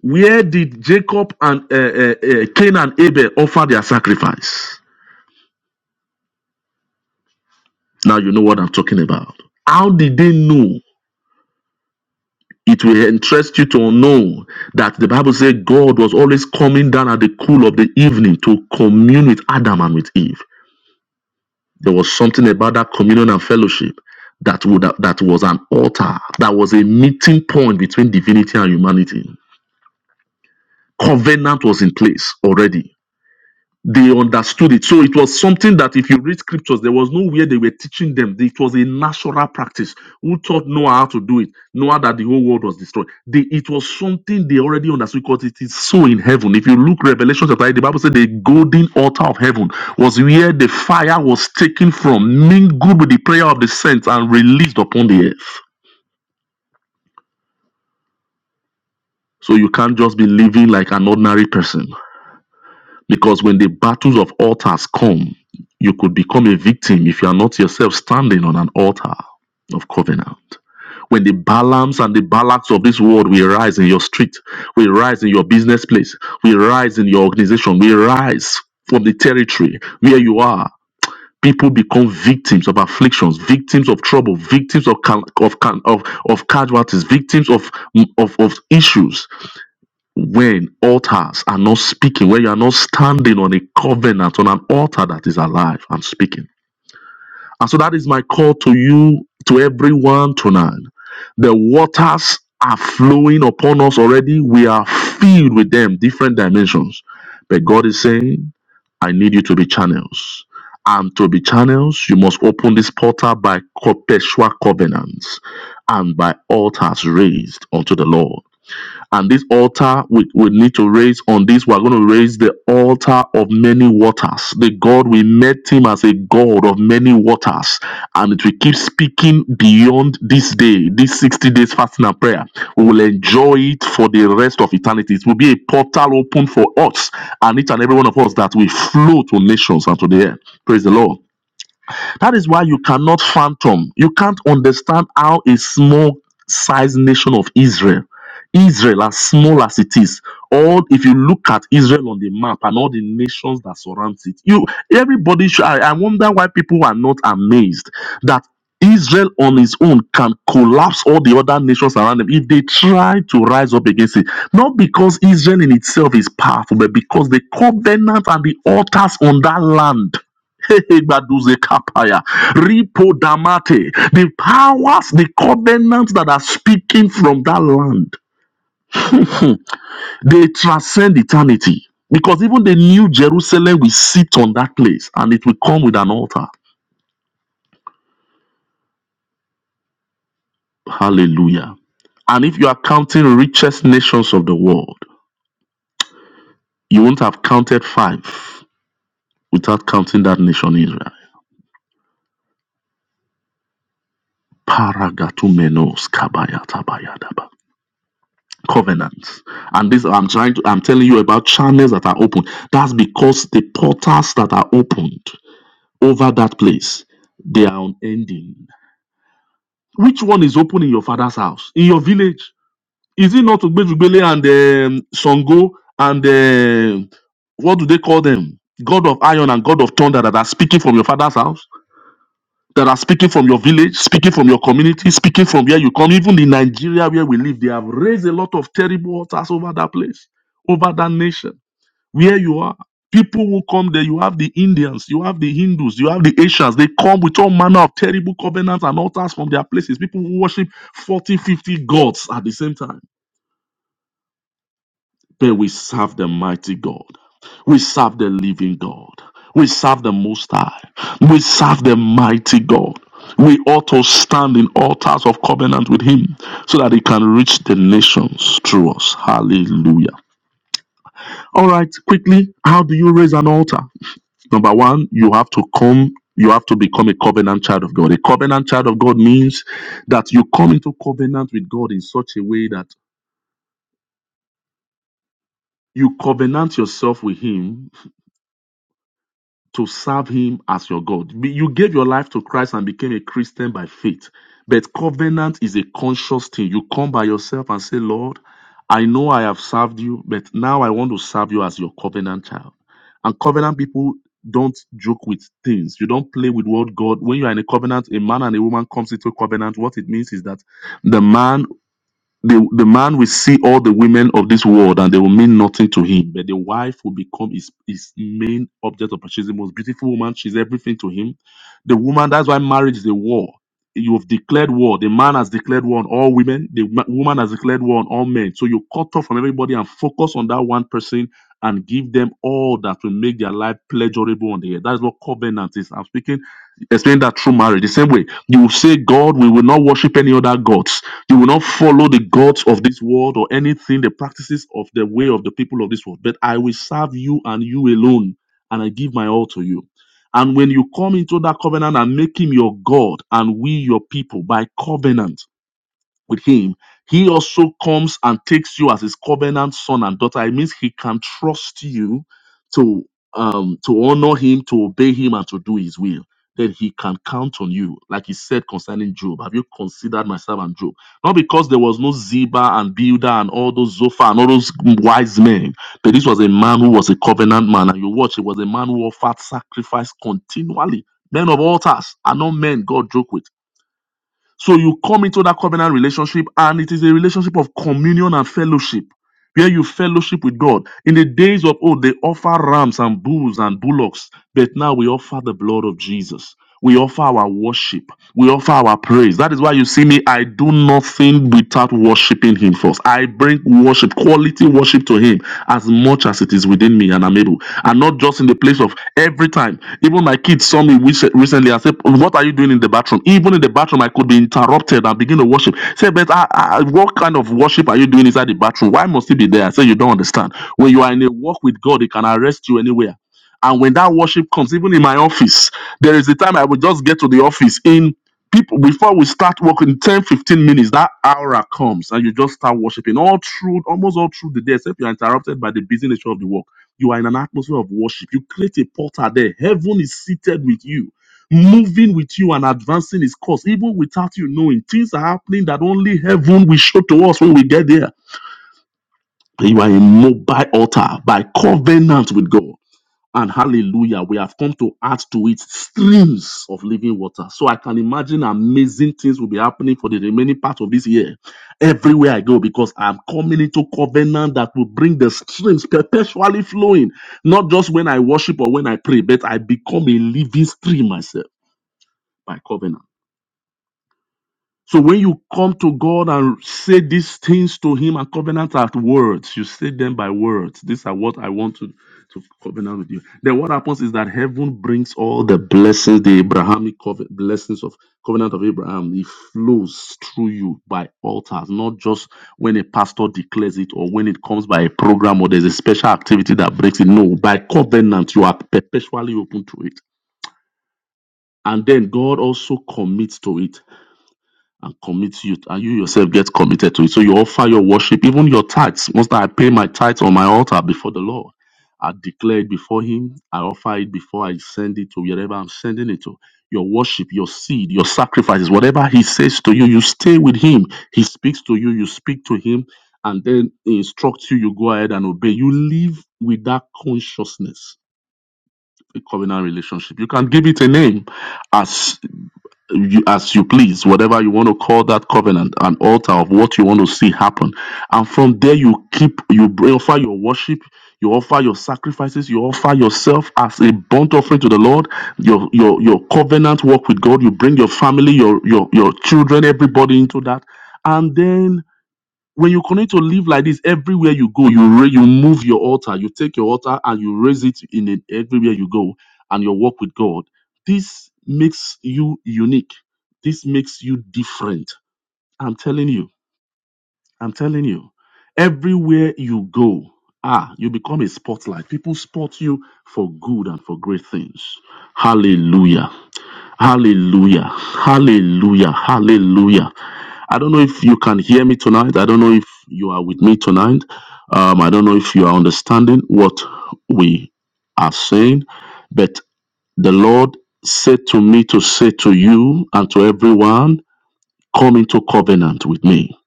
Where did Jacob and uh, uh, uh, Cain and Abel offer their sacrifice? Now you know what I'm talking about. How did they know it will interest you to know that the Bible says God was always coming down at the cool of the evening to commune with Adam and with Eve. There was something about that communion and fellowship that would that was an altar, that was a meeting point between divinity and humanity. Covenant was in place already. they understood it. So it was something that if you read scriptures, there was nowhere they were teaching them. It was a natural practice. Who taught Noah how to do it? Noah that the whole world was destroyed. They, it was something they already understood because it is so in heaven. If you look Revelation chapter 8, the Bible said the golden altar of heaven was where the fire was taken from, mingled with the prayer of the saints and released upon the earth. So you can't just be living like an ordinary person. Because when the battles of altars come, you could become a victim if you are not yourself standing on an altar of covenant. When the Balaams and the Balaks of this world will rise in your street, will rise in your business place, will rise in your organization, will rise from the territory where you are, people become victims of afflictions, victims of trouble, victims of cal- of cal- of, of casualties, victims of, of of issues when altars are not speaking, when you are not standing on a covenant, on an altar that is alive and speaking. And so that is my call to you, to everyone tonight. The waters are flowing upon us already. We are filled with them, different dimensions. But God is saying, I need you to be channels. And to be channels, you must open this portal by perpetual covenants and by altars raised unto the Lord. And this altar we, we need to raise on this, we're going to raise the altar of many waters. The God, we met him as a God of many waters. And it will keep speaking beyond this day, this 60 days fasting and prayer. We will enjoy it for the rest of eternity. It will be a portal open for us and each and every one of us that we flow to nations and to the air. Praise the Lord. That is why you cannot phantom, you can't understand how a small sized nation of Israel, Israel as small as it is, all if you look at Israel on the map and all the nations that surrounds it, you everybody should I, I wonder why people are not amazed that Israel on its own can collapse all the other nations around them if they try to rise up against it. Not because Israel in itself is powerful, but because the covenant and the altars on that land Baduze kapaya. Ripo damate. The powers, the covenants that are speaking from that land, hmm, they transcend eternity. Because even the new Jerusalem will sit on that place and it will come with an altar. Hallelujah. And if you are counting richest nations of the world, you won't have counted five without counting that nation Israel. Paragatumenos kabayatabayadaba. covenants and this i'm trying to i'm telling you about channels that are open that's because the portals that are opened over that place they are unending which one is open in your father's house in your village is it not Ugbejugbele and um, Songo and um, what do they call them god of iron and god of thunder that are speaking from your father's house that are speaking from your village, speaking from your community, speaking from where you come, even in Nigeria where we live, they have raised a lot of terrible altars over that place, over that nation, where you are. People who come there, you have the Indians, you have the Hindus, you have the Asians. They come with all manner of terrible covenants and altars from their places. People who worship 40, 50 gods at the same time but we serve the mighty God. We serve the living God. We serve the Most High. We serve the mighty God. We ought to stand in altars of covenant with Him so that He can reach the nations through us. Hallelujah. All right, quickly, how do you raise an altar? Number one, you have to come. You have to become a covenant child of God. A covenant child of God means that you come into covenant with God in such a way that you covenant yourself with Him to serve him as your God. Be- You gave your life to Christ and became a Christian by faith. But covenant is a conscious thing. You come by yourself and say, Lord, I know I have served you, but now I want to serve you as your covenant child. And covenant people don't joke with things. You don't play with what God, when you are in a covenant, a man and a woman comes into a covenant. What it means is that the man the, the man will see all the women of this world and they will mean nothing to him. But the wife will become his, his main object of pursuit. She's the most beautiful woman. She's everything to him. The woman, that's why marriage is a war. You have declared war. The man has declared war on all women. The ma- woman has declared war on all men. So you cut off from everybody and focus on that one person and give them all that will make their life pleasurable on the earth. That's what covenant is. I'm speaking, explain that through marriage. The same way you will say, God, we will not worship any other gods they will not follow the gods of this world or anything, the practices of the way of the people of this world. But I will serve you and you alone, and I give my all to you. And when you come into that covenant and make him your God and we your people by covenant, with him, he also comes and takes you as his covenant son and daughter. It means he can trust you to um to honor him, to obey him, and to do his will. Then he can count on you, like he said concerning Job. Have you considered my servant Job? Not because there was no Ziba and Builder and all those Zophar and all those wise men, but this was a man who was a covenant man. And you watch, it was a man who offered sacrifice continually. Men of altars are not men God joke with so you come into that covenant relationship, and it is a relationship of communion and fellowship, where you fellowship with God. In the days of old, they offer rams and bulls and bullocks, but now we offer the blood of Jesus. We offer our worship. We offer our praise. That is why you see me. I do nothing without worshiping Him first. I bring worship, quality worship to Him as much as as it is within me and I'm able. And not just in the place of every time. Even my kids saw me recently and said, What are you doing in the bathroom? Even in the bathroom, I could be interrupted and begin to worship. Say, but I, I, what kind of worship are you doing inside the bathroom? Why must he be there? I say, You don't understand. When you are in a walk with God, he can arrest you anywhere. And when that worship comes, even in my office, there is a time I will just get to the office in." people before we start working 10 15 minutes that hour comes and you just start worshiping all through almost all through the day except you are interrupted by the busy nature of the work you are in an atmosphere of worship you create a portal there heaven is seated with you moving with you and advancing his course even without you knowing things are happening that only heaven will show to us when we get there you are a mobile altar by covenant with god and hallelujah, we have come to add to it streams of living water. So I can imagine amazing things will be happening for the remaining part of this year. Everywhere I go, because I'm coming into covenant that will bring the streams perpetually flowing, not just when I worship or when I pray, but I become a living stream myself by covenant. So when you come to God and say these things to Him and covenant are words, you say them by words. These are what I want to, to covenant with you. Then what happens is that heaven brings all the blessings, the Abrahamic covenant, blessings of covenant of Abraham. It flows through you by altars, not just when a pastor declares it or when it comes by a program or there's a special activity that breaks it. No, by covenant you are perpetually open to it. And then God also commits to it and commit you and you yourself get committed to it. So you offer your worship, even your tithes. Once that I pay my tithes on my altar before the Lord, I declare it before Him. I offer it before I send it to wherever I'm sending it to. Your worship, your seed, your sacrifices, whatever He says to you, you stay with Him. He speaks to you, you speak to Him, and then He instructs you, you go ahead and obey. You live with that consciousness, a covenant relationship. You can give it a name as you, as you please, whatever you want to call that covenant, an altar of what you want to see happen. And from there, you keep, you bring- offer your worship, you offer your sacrifices, you offer yourself as a burnt offering to the Lord, your, your, your covenant work with God, you bring your family, your, your, your children, everybody into that. And then when you continue to live like this everywhere you go you ra- you move your altar you take your altar and you raise it in it everywhere you go and your walk with god this makes you unique this makes you different i'm telling you i'm telling you everywhere you go ah you become a spotlight people spot you for good and for great things hallelujah Hallelujah. Hallelujah. Hallelujah. I don't know if you can hear me tonight. I don't know if you are with me tonight. Um, I don't know if you are understanding what we are saying, but the Lord said to me to say to you and to everyone, come into covenant with me.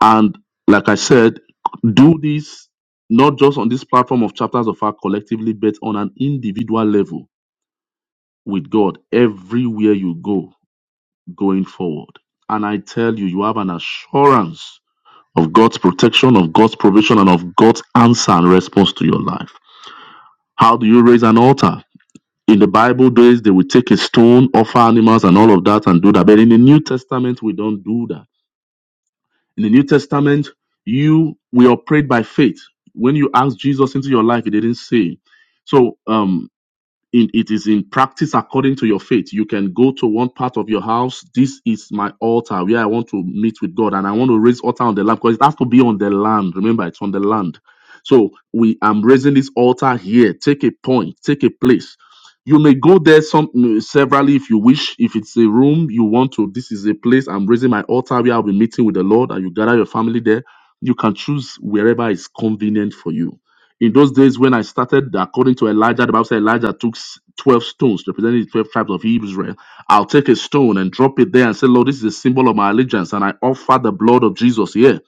And like I said, do this not just on this platform of chapters of our collectively, but on an individual level with God everywhere you go going forward. And I tell you, you have an assurance of God's protection, of God's provision, and of God's answer and response to your life. How do you raise an altar? In the Bible days, they would take a stone, offer animals, and all of that, and do that. But in the New Testament, we don't do that. In the New Testament, you we operate by faith. When you ask Jesus into your life, He didn't say. So, um, in it is in practice according to your faith you can go to one part of your house this is my altar where i want to meet with god and i want to raise altar on the land because it has to be on the land remember it's on the land so we am raising this altar here take a point take a place you may go there some severally if you wish if it's a room you want to this is a place i'm raising my altar where i'll be meeting with the lord and you gather your family there you can choose wherever is convenient for you in those days when I started, according to Elijah, the Bible said Elijah took s- 12 stones, representing the 12 tribes of Israel. I'll take a stone and drop it there and say, Lord, this is a symbol of my allegiance, and I offer the blood of Jesus here.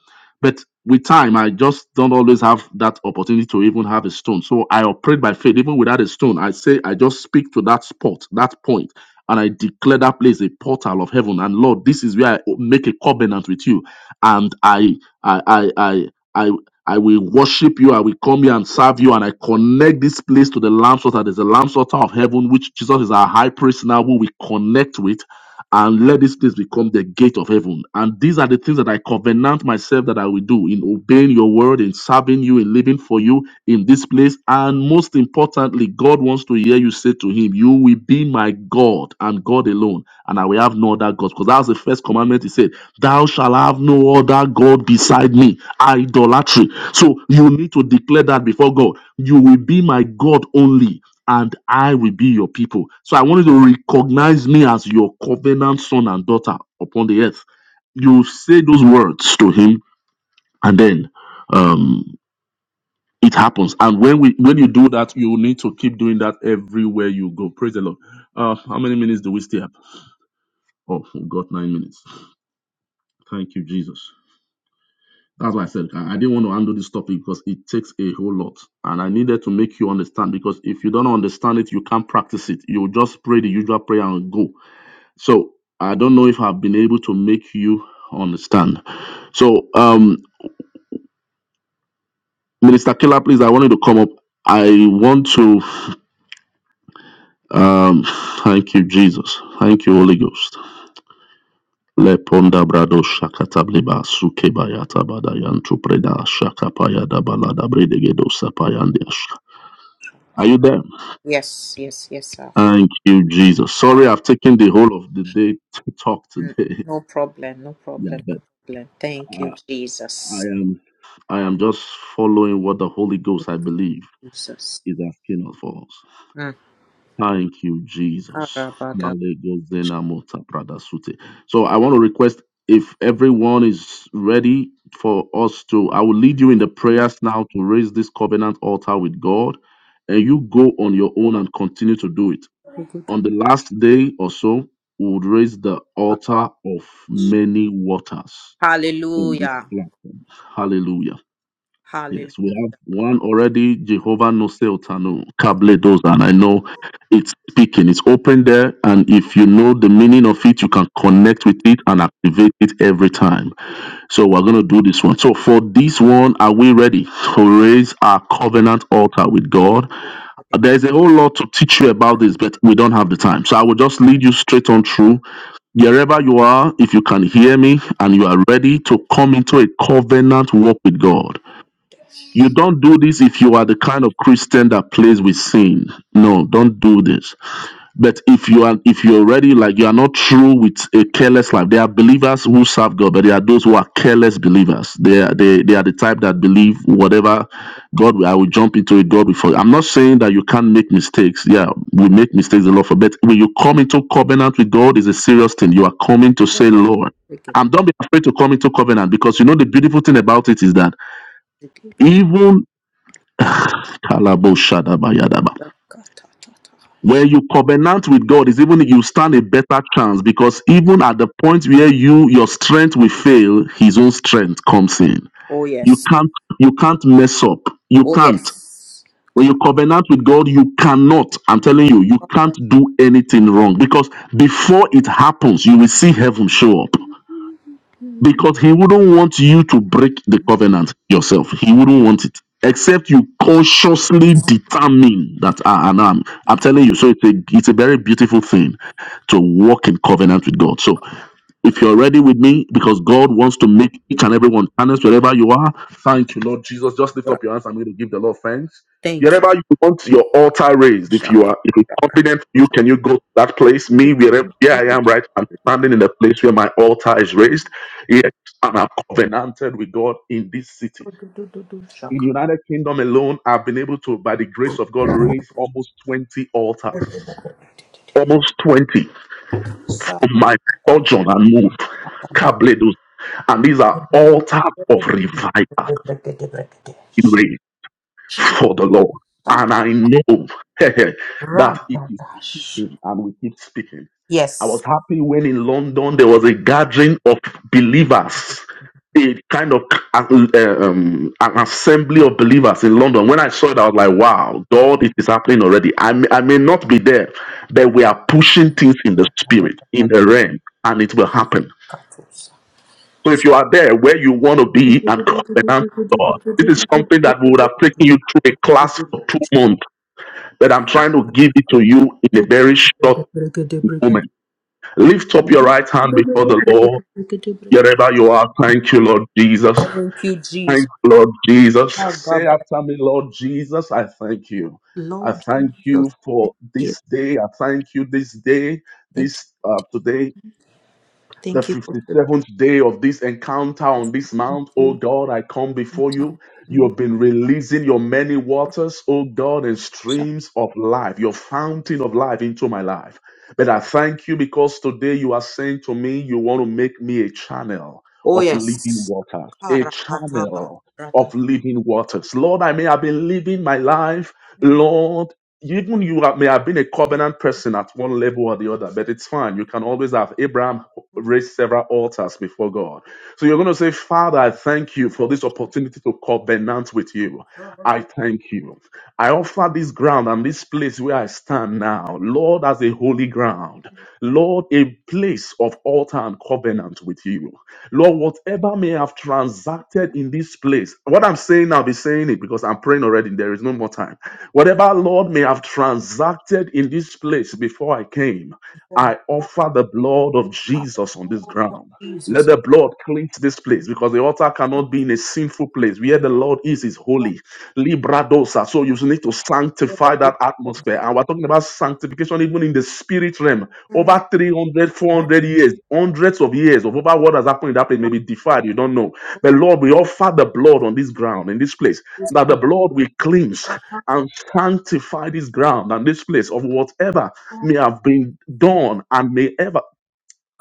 But with time, I just don't always have that opportunity to even have a stone. So I operate by faith, even without a stone. I say, I just speak to that spot, that point, and I declare that place a portal of heaven. And Lord, this is where I make a covenant with you. And I, I, I, I, I I will worship you. I will come here and serve you. And I connect this place to the Lamb's altar. There's a Lamb's altar of heaven, which Jesus is our high priest now, who we connect with. And let this place become the gate of heaven. And these are the things that I covenant myself that I will do in obeying your word, in serving you, in living for you, in this place. And most importantly, God wants to hear you say to Him, You will be my God and God alone, and I will have no other God. Because that was the first commandment He said, Thou shalt have no other God beside me. Idolatry. So you need to declare that before God. You will be my God only. And I will be your people. So I want you to recognize me as your covenant son and daughter upon the earth. You say those words to him, and then um it happens. And when we when you do that, you need to keep doing that everywhere you go. Praise the Lord. Uh how many minutes do we still have? Oh, we got nine minutes. Thank you, Jesus. That's why I said I I didn't want to handle this topic because it takes a whole lot. And I needed to make you understand because if you don't understand it, you can't practice it. You just pray the usual prayer and go. So I don't know if I've been able to make you understand. So um Minister Keller, please, I want you to come up. I want to. Um, thank you, Jesus. Thank you, Holy Ghost. Le ponda brado shakatabliba sukebayata badayantu preda shakapaya dabalada bredegedo sapayandiash. Are you there? Yes, yes, yes, sir. Thank you, Jesus. Uh, Sorry, I've taken the whole of the day to talk n- today. [laughs] No problem, no Yeah, problem, no but problem. Thank I, you, I Jesus. am I am just following what the Holy Ghost, I believe, Jesus. is asking us for us. Mm. Thank you, Jesus. Arabada. Malego zena mota brada sute. So I want to request if everyone is ready for us to, I will lead you in the prayers now to raise this covenant altar with God, and you go on your own and continue to do it. Good. On the last day or so, we would raise the altar of many waters on this Hallelujah. platform. Hallelujah. Yes, we have Hallelujah. one already, Jehovah Noseotano, Kabledos, and I know it's speaking. It's open there, and if you know the meaning of it, you can connect with it and activate it every time. So we're going to do this one. So for this one, are we ready to raise our covenant altar with God? There's a whole lot to teach you about this, but we don't have the time. So I will just lead you straight on through. Wherever you are, if you can hear me and you are ready to come into a covenant walk with God you don't do this if you are the kind of christian that plays with sin no don't do this but if you are if you're already like you are not true with a careless life there are believers who serve god but there are those who are careless believers they are they, they are the type that believe whatever god will- i will jump into it god before i'm not saying that you can't make mistakes yeah we make mistakes a lot for but when you come into covenant with god is a serious thing you are coming to say lord and don't be afraid to come into covenant because you know the beautiful thing about it is that even Kalaboshadabayadaba. Where you covenant with God is even you stand a better chance because even at the point where you your strength will fail, his own strength comes in. Oh You yes. can't you can't mess up. You Oh can't. yes. When you covenant with God, you cannot. I'm telling you, you can't do anything wrong because before it happens, you will see heaven show up. because he wouldn't want you to break the covenant yourself. He wouldn't want it. Except you consciously determine that ah, and I'm, I'm telling you, so it's a it's a very beautiful thing to walk in covenant with God. So if you're ready with me, because God wants to make each and everyone honest wherever you are, thank you, Lord Jesus. Just lift up your hands. I'm going to give the Lord thanks. Thank Wherever you want your altar raised, if you are if it's confident, you. you can you go to that place. Me, wherever here I am, right, I'm standing in the place where my altar is raised. Yes, and I'm covenanted with God in this city. In the Shaka. United Kingdom alone, I've been able to, by the grace of God, raise almost 20 altars. Almost 20 of my sojourn and move. And these are altars of revival in rain for the Lord. And I know [laughs] that it is speaking and we keep speaking. I Yes. was happy when in London there was a gathering of believers, a kind of uh, um, an assembly of believers in London. When I saw it, I was like, wow, God, it is happening already. I may, I may not be there, but we are pushing things in the spirit, in Thank the realm, and it will happen So if you are there where you want to be and covenant with God, this is something that would have taken you through a class for two months, but I'm trying to give it to you in a very short moment. Lift up your right hand before the Lord. Wherever you are, thank you, Lord Jesus. you, Thank Jesus. you, Lord Jesus. Say after me, Lord Jesus, I thank you. I Lord thank Jesus, you for thank you. this day. I thank you this day, Thank this uh, you. today. the Thank you for today. 57th day of this encounter on this mount. Oh God, I come before you. You have been releasing your many waters, oh God, and streams of life, your fountain of life into my life. But I thank you because today you are saying to me, you want to make me a channel Oh, of living yes. waters, a Karakataba, channel of living waters. Lord, I may have been living my life. Lord, even you have, may have been a covenant person at one level or the other, but it's fine. You can always have Abraham raised several altars before God so you're going to say, Father, I thank you for this opportunity to covenant with you. I thank you. I offer this ground and this place where I stand now, Lord, as a holy ground. Lord, a place of altar and covenant with you. Lord, whatever may have transacted in this place, what I'm saying, I'll be saying it because I'm praying already. There is no more time. Whatever, Lord, may have transacted in this place before I came, Like, I offer the blood of Jesus on this ground. Let Jesus. the blood cleanse this place because the altar cannot be in a sinful place. Where the Lord is, is holy. Libradosa. So you need to sanctify that atmosphere. And we're talking about sanctification even in the spirit realm. Over 300, 400 years, hundreds of years of over what has happened in that place may be defied. You don't know. But Lord, we offer the blood on this ground, in this place, that the blood will cleanse and sanctify this ground and this place of whatever may have been done and may ever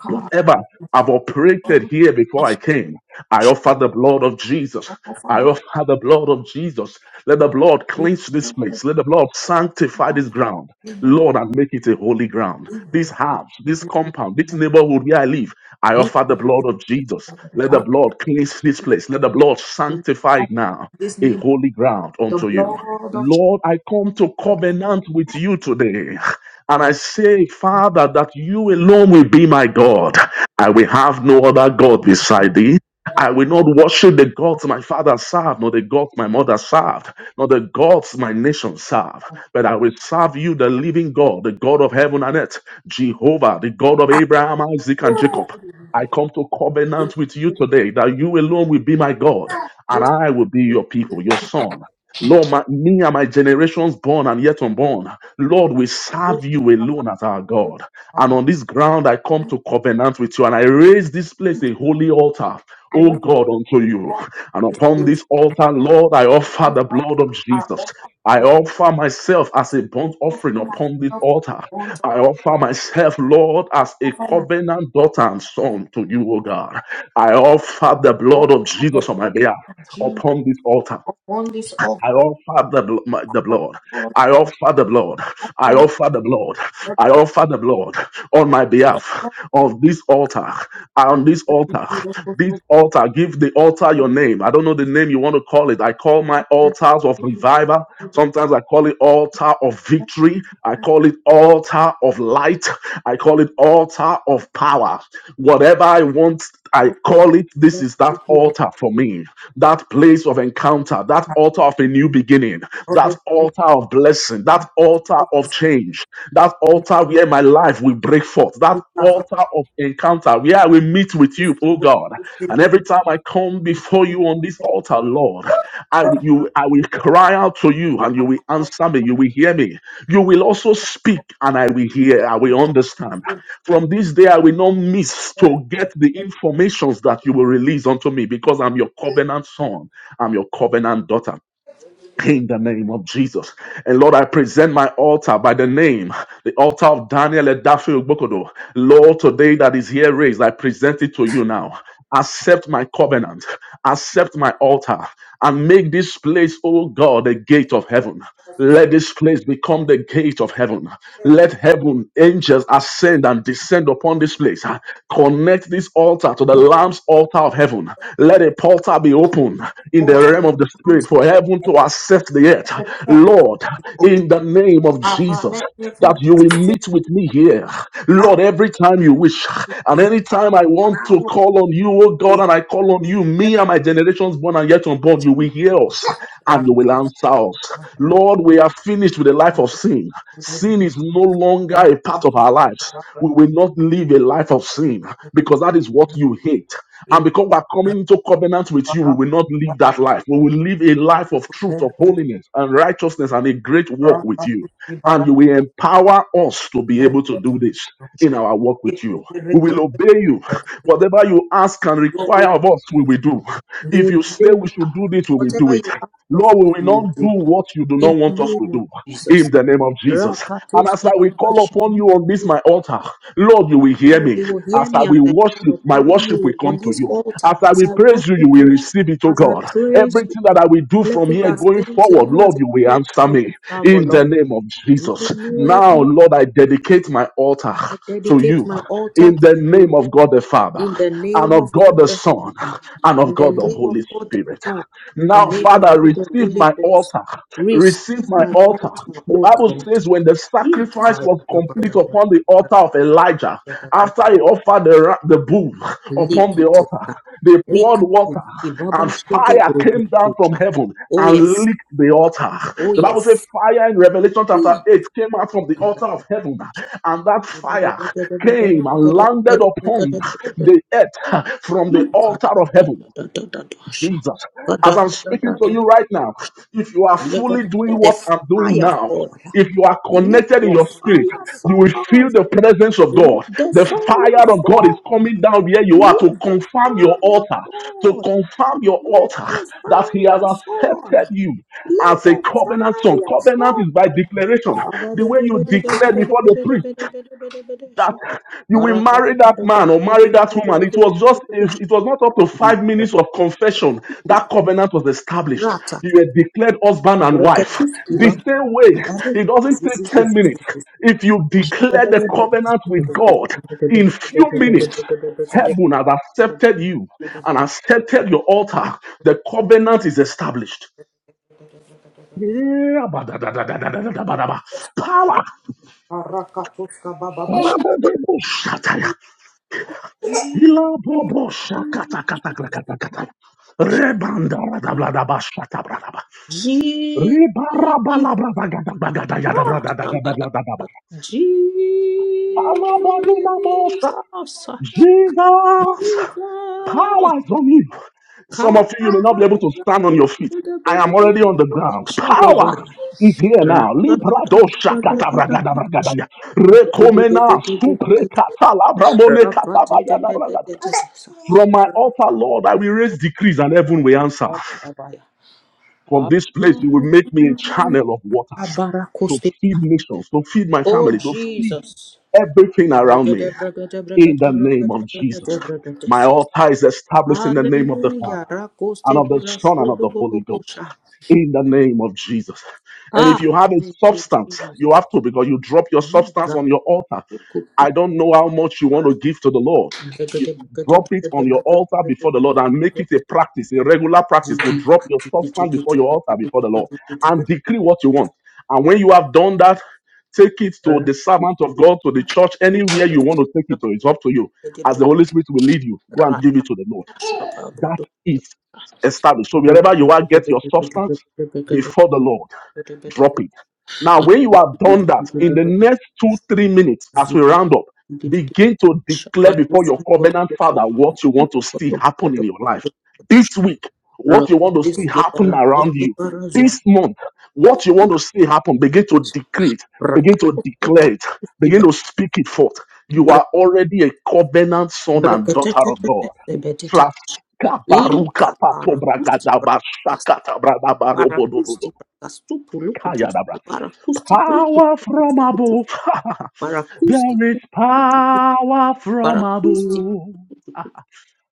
whatever I've operated here before I came, I offer the blood of Jesus. I offer the blood of Jesus. Let the blood cleanse this place. Let the blood sanctify this ground. Lord, and make it a holy ground. This house, this compound, this neighborhood where I live, I offer the blood of Jesus. Let the blood cleanse this place. Let the blood sanctify it now, this a name, holy ground the unto you. blood of Lord, I come to covenant with you today. And I say, Father, that you alone will be my God. I will have no other God beside thee. I will not worship the gods my father served, nor the gods my mother served, nor the gods my nation served, but I will serve you, the living God, the God of heaven and earth, Jehovah, the God of Abraham, Isaac, and Jacob. I come to covenant with you today that you alone will be my God, and Jesus. I will be your people, your son. Lord, my, me and my generations born and yet unborn, Lord, we serve you alone as our God. And on this ground, I come to covenant with you and I raise this place a holy altar, I O read God, unto you. And this upon place. this altar, Lord, I offer the blood of I Jesus. offer I the offer myself as a burnt offer offering upon this myself to altar. want to I offer myself, Lord, as a offer my covenant daughter and son to you, O God. I offer the blood of offer the Jesus on my blood behalf of Jesus upon this altar. upon this altar I offer the, bl- my- the blood. of the I offer the blood. I offer the blood. I offer the blood on my behalf of this altar. On this altar, this altar, give the altar your name. I don't know the name you want to call it. I call my altars of revival. Sometimes I call it altar of victory. I call it altar of light. I call it altar of power. Whatever I want I call it this is that altar for me, that place of encounter, that altar of a new beginning, that church. altar of blessing, that altar of change, that altar where my life will break forth, that It has a altar of encounter where I will meet with you, oh God. And every time I come before call you on this altar, Lord. I will, you, I will cry out to you and you will answer me. You will hear me. You will also speak and I will hear. I will understand. From this day, I will not miss to get the informations that you will release unto me because I'm your covenant son. I'm your covenant daughter in the name of Jesus. And Lord, I present my altar by the name, the altar of Daniel Edafi Ogbokodo. Lord, today that is here raised, I present it to you now. Accept my covenant, accept my altar, and make this place, oh God, a gate of heaven. Let this place become the gate of heaven. Let heaven angels ascend and descend upon this place. Ah, Connect this altar to the Lamb's altar of heaven. Let a portal be open in four the realm of the times spirit for heaven to accept the earth. Lord, in the name of Jesus, let me that put you will meet with me here. that Lord, every time you wish and in, anytime I and want I to call call on you, oh God, and I call on you, me and my generations born and yet unborn, you will hear us and you will answer us. will Lord, we are finished with the life of sin. be Sin is no longer You a will part of our lives. We will not live a life of sin because that is what you hate. And because we're coming into covenant with you, we will not live that life. We will live a life of truth, of holiness, and righteousness, and a great walk with you. And you will empower us to be able to do this in our walk with you. We will obey you. Whatever you ask and require of us, we will do. If you say bring we should do this, we will do whatever it. you ask for, Lord, forth we will you not will do do. what you do In not the want us to name of do Jesus. in the name of Jesus. And as I Rapatoske will call upon rabashana. you on this my altar, Lord, you will hear Lord, me. you will As hear I me as will I call worship, my upon worship will you on come to this you. altar, As I as will I praise worship you, you will you, receive it, oh as I God. praise you. Everything that I will do Let from it here going ascend to forward, you as Lord, a you will sweet answer me smelling savour, in the Lord. name of In the Jesus. Now, name of Lord, I dedicate my altar I to dedicate you my altar in the to you. name of God the Father In the and name of of God God the the Son Father, and of in the God the name Holy of God the Spirit. Son, the Now, name of Father, God the receive Holy my Ghost. altar. Receive Receive my my altar. altar, The O Bible God. says when the sacrifice was complete Kayadabadabadabadabadabada. upon the altar of Elijah, after he offered the, ra- the bull, upon the Likitisa. altar. They poured water, Rikatuski and babashede fire came down from grodutosha. heaven Oh and yes, licked the altar. oh The Bible says yes. fire in Revelation chapter 8 came out from the altar Hmm. of heaven, and that Let the fire came and landed upon the earth from the altar of heaven. Jesus. As I'm speaking to you right now, if you are let fully doing the what I'm doing fire now, fall. if you are Let connected in the your spirit, fire you will fall. feel the presence of Let God. the fire fall. Let the The fire fire of God is coming down where you are to confirm your altar, to confirm your fall. Let altar the that He has fire fall. accepted you Let as a the covenant son. fire Covenant is by fall. declaration. The way you declare before the priest, that you will marry that man or marry that woman. It was just, if it was not up to five minutes of confession, that covenant was established. You were declared husband and wife. The same way, it doesn't take 10 minutes. If you declare the covenant with God, in few minutes, heaven has accepted you and accepted your altar. The covenant is established. Yeah, ba- da- da- da- da- da- da- da- da- da da- da Power. Ilabobo shakata kata kata kata kata. Rebanda rada blada basha tabra daba. Jesus. Ribara bala brada gada bagada yada brada da da da blada daba. Jesus, Alabadi namosha. Jesus, Jesus, power is on you. Some of you, you may not be able Karakata, to stand on your feet. I am already on the ground. Power is here now. Libra Librado shakata bragada bragada ya. Rekomena supre kata labra mone kata bagada bragada. From my altar, Lord, I will raise decrees and heaven will answer. From this place, you will make me a channel of waters to feed nations, to feed my Oh family, to feed Jesus. everything around me. Brigade, brigade, brigade, In the brigade, name of Jesus, brigade, brigade, my yes. altar is established in the name of the Father Hallelujah. and Rakoste of the Son and of burashodo the Holy Ghost. bobosha. In the name of Jesus. And if Ah, you have a thank you, substance, you Jesus. have to because you drop your substance Liga. on your altar. I Ukukupa. don't know how much you want to give to the Lord. Gagada You drop it on your altar before the Lord and make it a practice, a regular practice to drop your substance before your altar before the Lord and decree what you want. And when you have done that, take it to the servant of God, to the church, anywhere you want to take it to. It's up to you. As the Holy Spirit will lead you, go and give it to the Lord that is established. So wherever you are, get your substance before the Lord drop it. Now, when you have done that, in the next two, three minutes, as we round up, Zigidi begin to declare before your Shabakusi covenant father Borokotoshokotosh what you want to see happen in your life. This week, what you want to Rakutis see happen around Baraki you. Barazu This month, what you want to see happen, begin to decree it, begin to Rakuti declare it, Baraki begin to speak it forth. You Bra are already a covenant son and daughter of Brakatete God. Traskabaruka Linka Parakusti patobragada Brakas bashakata Parakusti bradabarobodobodo. Brakastu Pulukutus Parakusti Power from Pulukutus above. [laughs] there is Parakusti power from Parakusti above. Ah,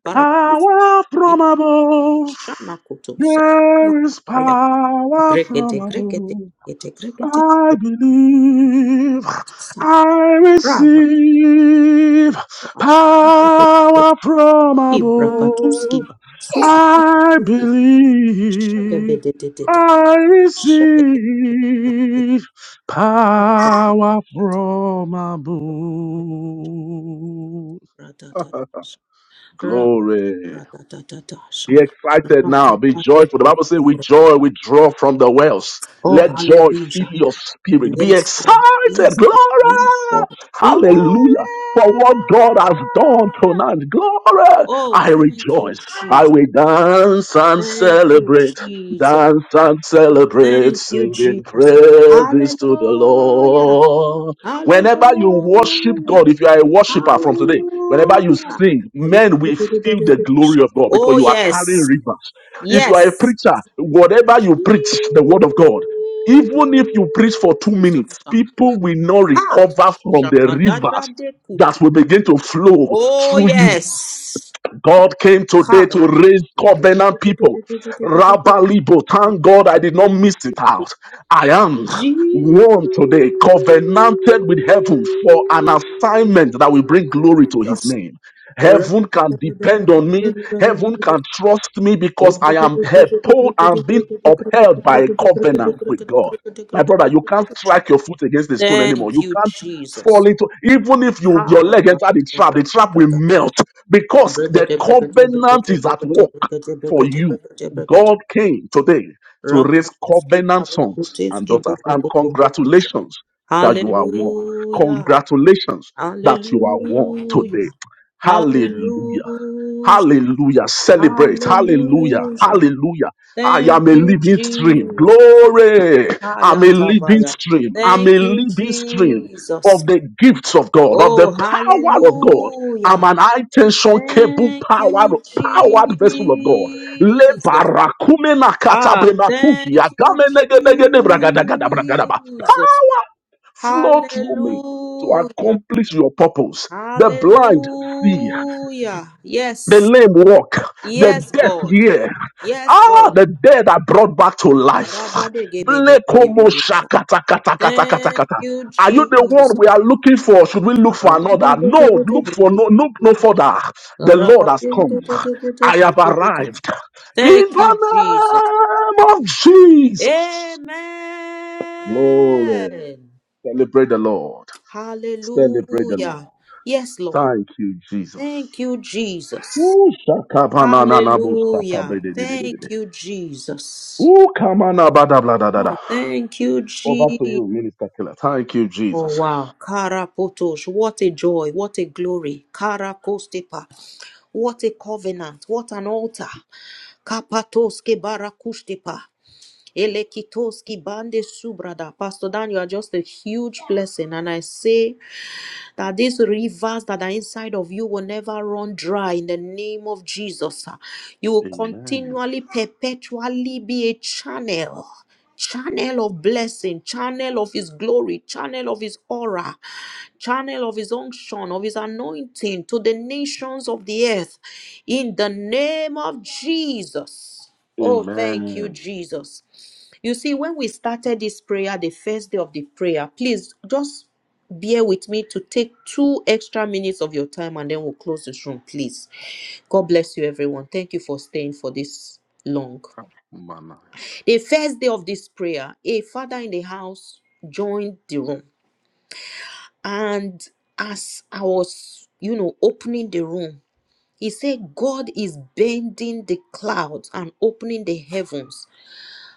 Parakusti Power from above. Shana Kutusa There is power Grekete, from grekete, above. grekete, grekete. I believe. Sa- I Krava, receive slash. power from Ibra, above. patuski, babasuski. I believe Shagebedededede. I Shagebedededede. receive power from above. Ratatata. Rap, Glory. ratatata. Sha. Be excited now. Be joyful. The Rakapatete. Bible says, with joy we draw from the wells. Oh, Let joy fill hallelujah. your spirit. Be Yes, Lord. excited. Yes, Lord. Yes, Glory. Lord. Hallelujah. Glory. For what God has done tonight. Glory. Oh, I thank you, rejoice. Jesus. I will dance and Thank you, celebrate. Jesus. Dance and celebrate. Thank you, Singing Jesus. praises to the Hallelujah. Lord. Whenever you worship Hallelujah. God, if you are a worshiper from today, Whenever you Hallelujah. sing, men will feel the Hallelujah. glory of God because Oh, you are carrying yes. rivers. If you are a Yes. preacher, whatever you preach, the word of God, even if you preach for two Jesus. minutes, people will not Ha. recover from the rivers that Shakadadadekutu. will begin to flow Oh, through you yes. God came today to raise covenant people. Rabba Libo, thank God I did not miss it Karadadadekutu. out. I am Jesus. one today, covenanted with heaven for an assignment that will bring glory to his name. Heaven can depend on me. Heaven can trust me because I am upheld and being upheld by a covenant with God. My brother, you can't strike your foot against the stone anymore. Thank You you, can't fall Jesus. into even if you your leg Hallelujah. enter the trap, the trap will melt because the covenant is at work for you. God came today to raise covenant sons and daughters. And congratulations that you are one. Congratulations that you are one Hallelujah. today. Hallelujah. Hallelujah. Hallelujah. Celebrate. Hallelujah. Hallelujah. Hallelujah. I Thank am a you, living stream. Jesus. Glory. I'm a living Hayatabaya. stream. I'm Thank a you, living stream Jesus. of the gifts of God, of the Oh, power of God. hallelujah. I'm an high tension cable Thank powered, you, powered vessel of God. Le Jesus. barakumena Ah, katabrenatuji thank you, agamenegedegede bragadagada bragadaba. Jesus. Power flow through me to Hallelujah. accomplish your purpose. The blind see Hallelujah. the Yes. lame walk, the Yes, deaf God. hear. Yes, Ah, God. the dead are brought back to life. Blekomo Arabadegedebedebedesha. shakata kata kata kata Thank kata. you, Are you the Jesus. one we are looking for? Should we look for another? No, look for no, look no Arabadegedebedebedebedesha. further. The Lord has come. I have Arabadegedebedebedebedesha. arrived. In Thank you, the Jesus. name of Jesus. Glory. Amen. Celebrate the Lord. Celebrate the Lord. Hallelujah. Yes, Lord. Thank you, Thank Jesus. you, Jesus. Oshaka na na na, booster, celebrate, Hallelujah. celebrate, Thank celebrate. you, Jesus. Oka ma na ba da bla da da da. Ah, thank Over to you, you, Minister Kila. Thank you, Oh Jesus. wow, Karapotos, what a joy, what a glory, Karakostepa, what a covenant, what an altar, Kapatoske Barakustepa, Elekitoski Bande Subrada. Pastor Dan, you are just a huge blessing, and I say that these rivers that are inside of you will never run dry in the name of Jesus. You will Amen. continually, perpetually be a channel. Channel of blessing, channel of his glory, channel of his aura, channel of his unction, of his anointing to the nations of the earth. In the name of Jesus. Oh, thank you, Amen. Jesus. You see, when we started this prayer, the first day of the prayer, please just bear with me to take two extra minutes of your time and then we'll close this room, please. God bless you, everyone. Thank you for staying for this long. Mana. The first day of this prayer, a father in the house joined the room. And as I was, you know, opening the room, he said, God is bending the clouds and opening the heavens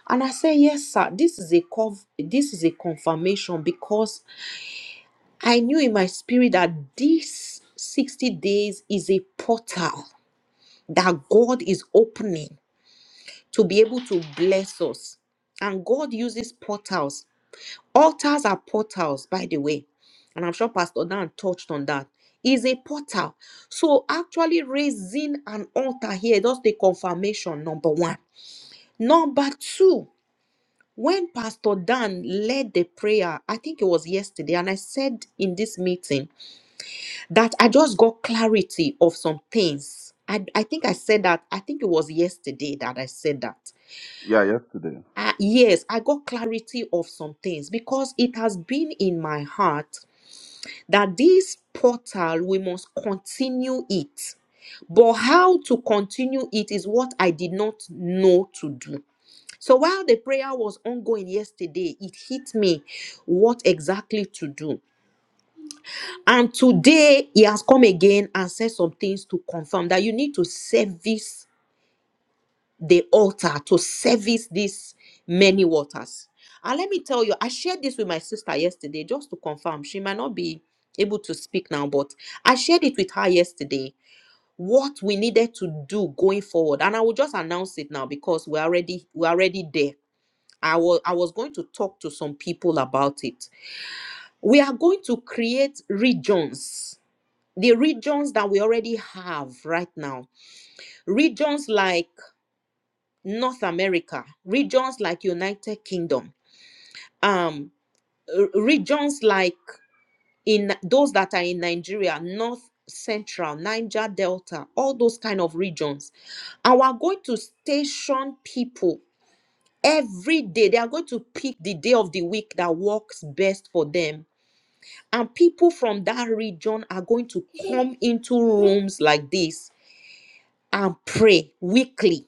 And I said, Yes, sir, this is a conf- this is a confirmation because I knew in my spirit that this 60 days is a portal that God is opening to be able to bless us. And God uses portals. Altars are portals, by the way. And I'm sure Pastor Dan touched on that. Is a portal. So actually raising an altar here, that's the confirmation, number one. Number two, When Pastor Dan led the prayer, I think it was yesterday, and I said in this meeting that I just got clarity of some things. I, I think I said that, I think it was yesterday that I said that. Yeah, yesterday, Uh, yes, I got clarity of some things because it has been in my heart that this portal, we must continue it. But how to continue it is what I did not know to do. So while the prayer was ongoing yesterday, it hit me what exactly to do. And today he has come again and said some things to confirm that you need to service the altar, to service these many waters. And let me tell you, I shared this with my sister yesterday just to confirm. She might not be able to speak now, but I shared it with her yesterday what we needed to do going forward. And I will just announce it now because we're already we're already there I was I was going to talk to some people about it. We are going to create regions, the regions that we already have right now, regions like North America, regions like United Kingdom, um, r- regions like in those that are in Nigeria, North Central, Niger Delta, all those kind of regions. And we're going to station people every day. They are going to pick the day of the week that works best for them And people from that region are going to come into rooms like this and pray weekly.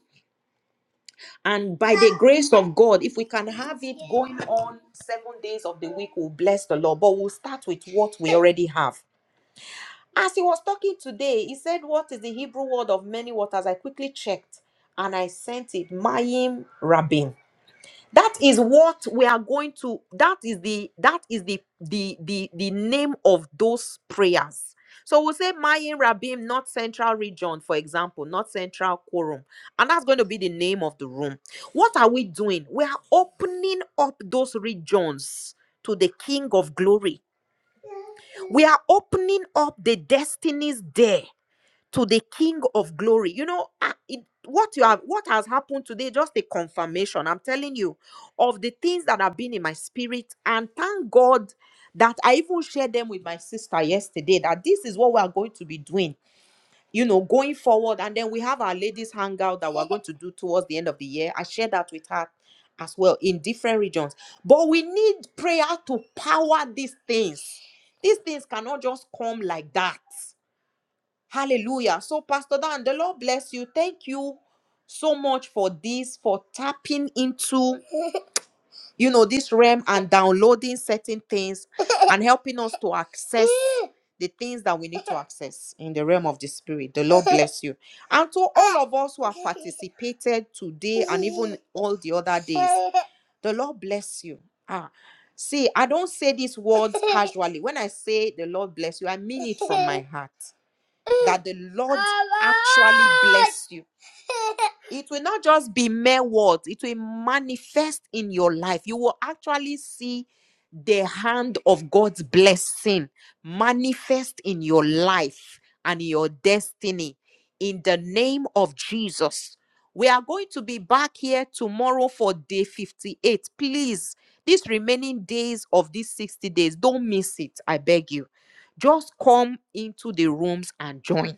And by the grace of God, if we can have it going on seven days of the week, we'll bless the Lord. But we'll start with what we already have. As he was talking today, he said, What is the Hebrew word of many waters? I quickly checked and I sent it, Mayim Rabin. that is what we are going to that is the that is the the the, the name of those prayers so we'll say Mayin Rabim, North Central Region, for example, North Central Quorum. And that's going to be the name of the room. What are we doing? We are opening up those regions to the King of Glory. We are opening up the destinies there to the king of glory you know ah, it, what you have what has happened today just a confirmation i'm telling you of the things that have been in my spirit and thank god that i even shared them with my sister yesterday that this is what we are going to be doing you know going forward and then we have our ladies hangout that we're going to do towards the end of the year i shared that with her as well in different regions but we need prayer to power these things these things cannot just come like that Hallelujah. So, Pastor Dan, the Lord bless you. Thank you so much for this, for tapping into, you know, this realm and downloading certain things and [laughs] helping us to access the things that we need to access in the realm of the spirit. The Lord bless you. And to all of us who have participated today and even all the other days, the Lord bless you. Ah, see, I don't say these words casually. When I say the Lord bless you, I mean it from my [laughs] heart that the Lord actually bless you. It will not just be mere words, it will manifest in your life. You will actually see the hand of God's blessing manifest in your life and your destiny in the name of Jesus. We are going to be back here tomorrow for day 58. Please, these remaining days of these 60 days, don't miss it. I beg you. Just come into the rooms and join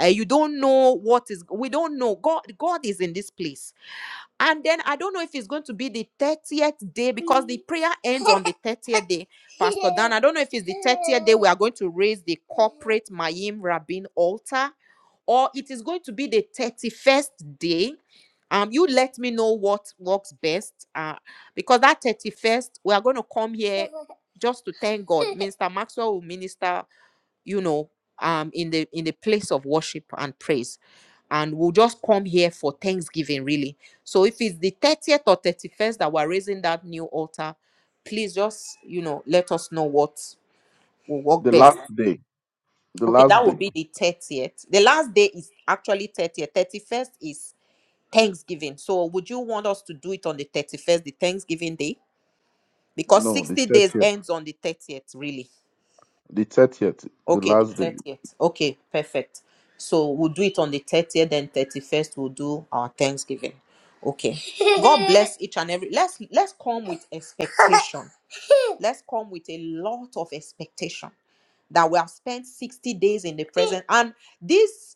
uh, you don't know what is we don't know god god is in this place and then i don't know if it's going to be the 30th day because the prayer ends on the 30th day [laughs] pastor dan i don't know if it's the 30th day we are going to raise the corporate mayim rabin altar or it is going to be the 31st day um you let me know what works best uh because that 31st we are going to come here [laughs] just to thank god minister maxwell will minister you know um in the in the place of worship and praise and we'll just come here for thanksgiving really so if it's the 30th or 31st that we're raising that new altar please just you know let us know what will work the best last day, the okay last that will day. be the 30th the last day is actually 30th 31st is thanksgiving so would you want us to do it on the 31st the thanksgiving day because No, the 60 church days yet. ends on the 30th really The church yet. The Okay, the last day. thirtieth. Okay, perfect. So we'll do it on the thirtieth, then thirty-first we'll do our Thanksgiving. Okay. God [laughs] bless each and every. Let's let's come with expectation. Let's come with a lot of expectation that we have spent sixty days in the present and this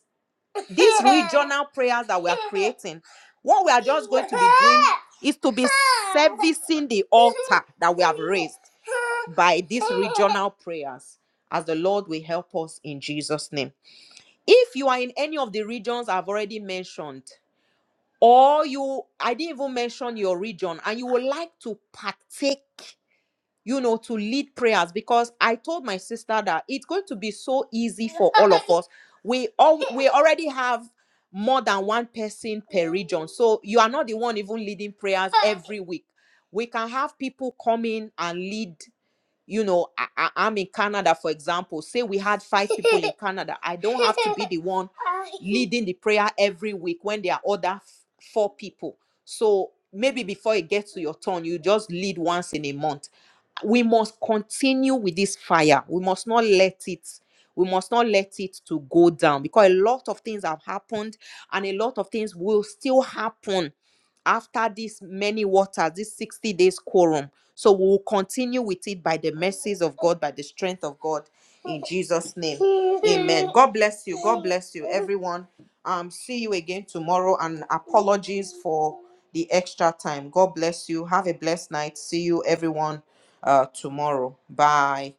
these regional prayers that we are creating. What we are just going to be doing is to be servicing the altar that we have raised by these [laughs] regional prayers as the Lord will help us in Jesus' name. If you are in any of the regions I've already mentioned, or you, I didn't even mention your region, and you would like to partake, you know, to lead prayers, because I told my sister that it's going to be so easy for all of us. We all we already have more than one person per region, so you are not the one even leading prayers every week. We can have people come in and lead you know I, I, i'm in canada for example say we had five people in [laughs] canada i don't have to be the one leading the prayer every week when there are other f- four people so maybe before it gets to your turn you just lead once in a month we must continue with this fire we must not let it we must not let it to go down because a lot of things have happened and a lot of things will still happen after these many waters, this 60 days quorum. So we will continue with it by the mercies of God, by the strength of God, in Jesus' name. Amen. God bless you. God bless you, everyone. Um, see you again tomorrow. And apologies for the extra time. God bless you. Have a blessed night. See you, everyone, uh, tomorrow. Bye.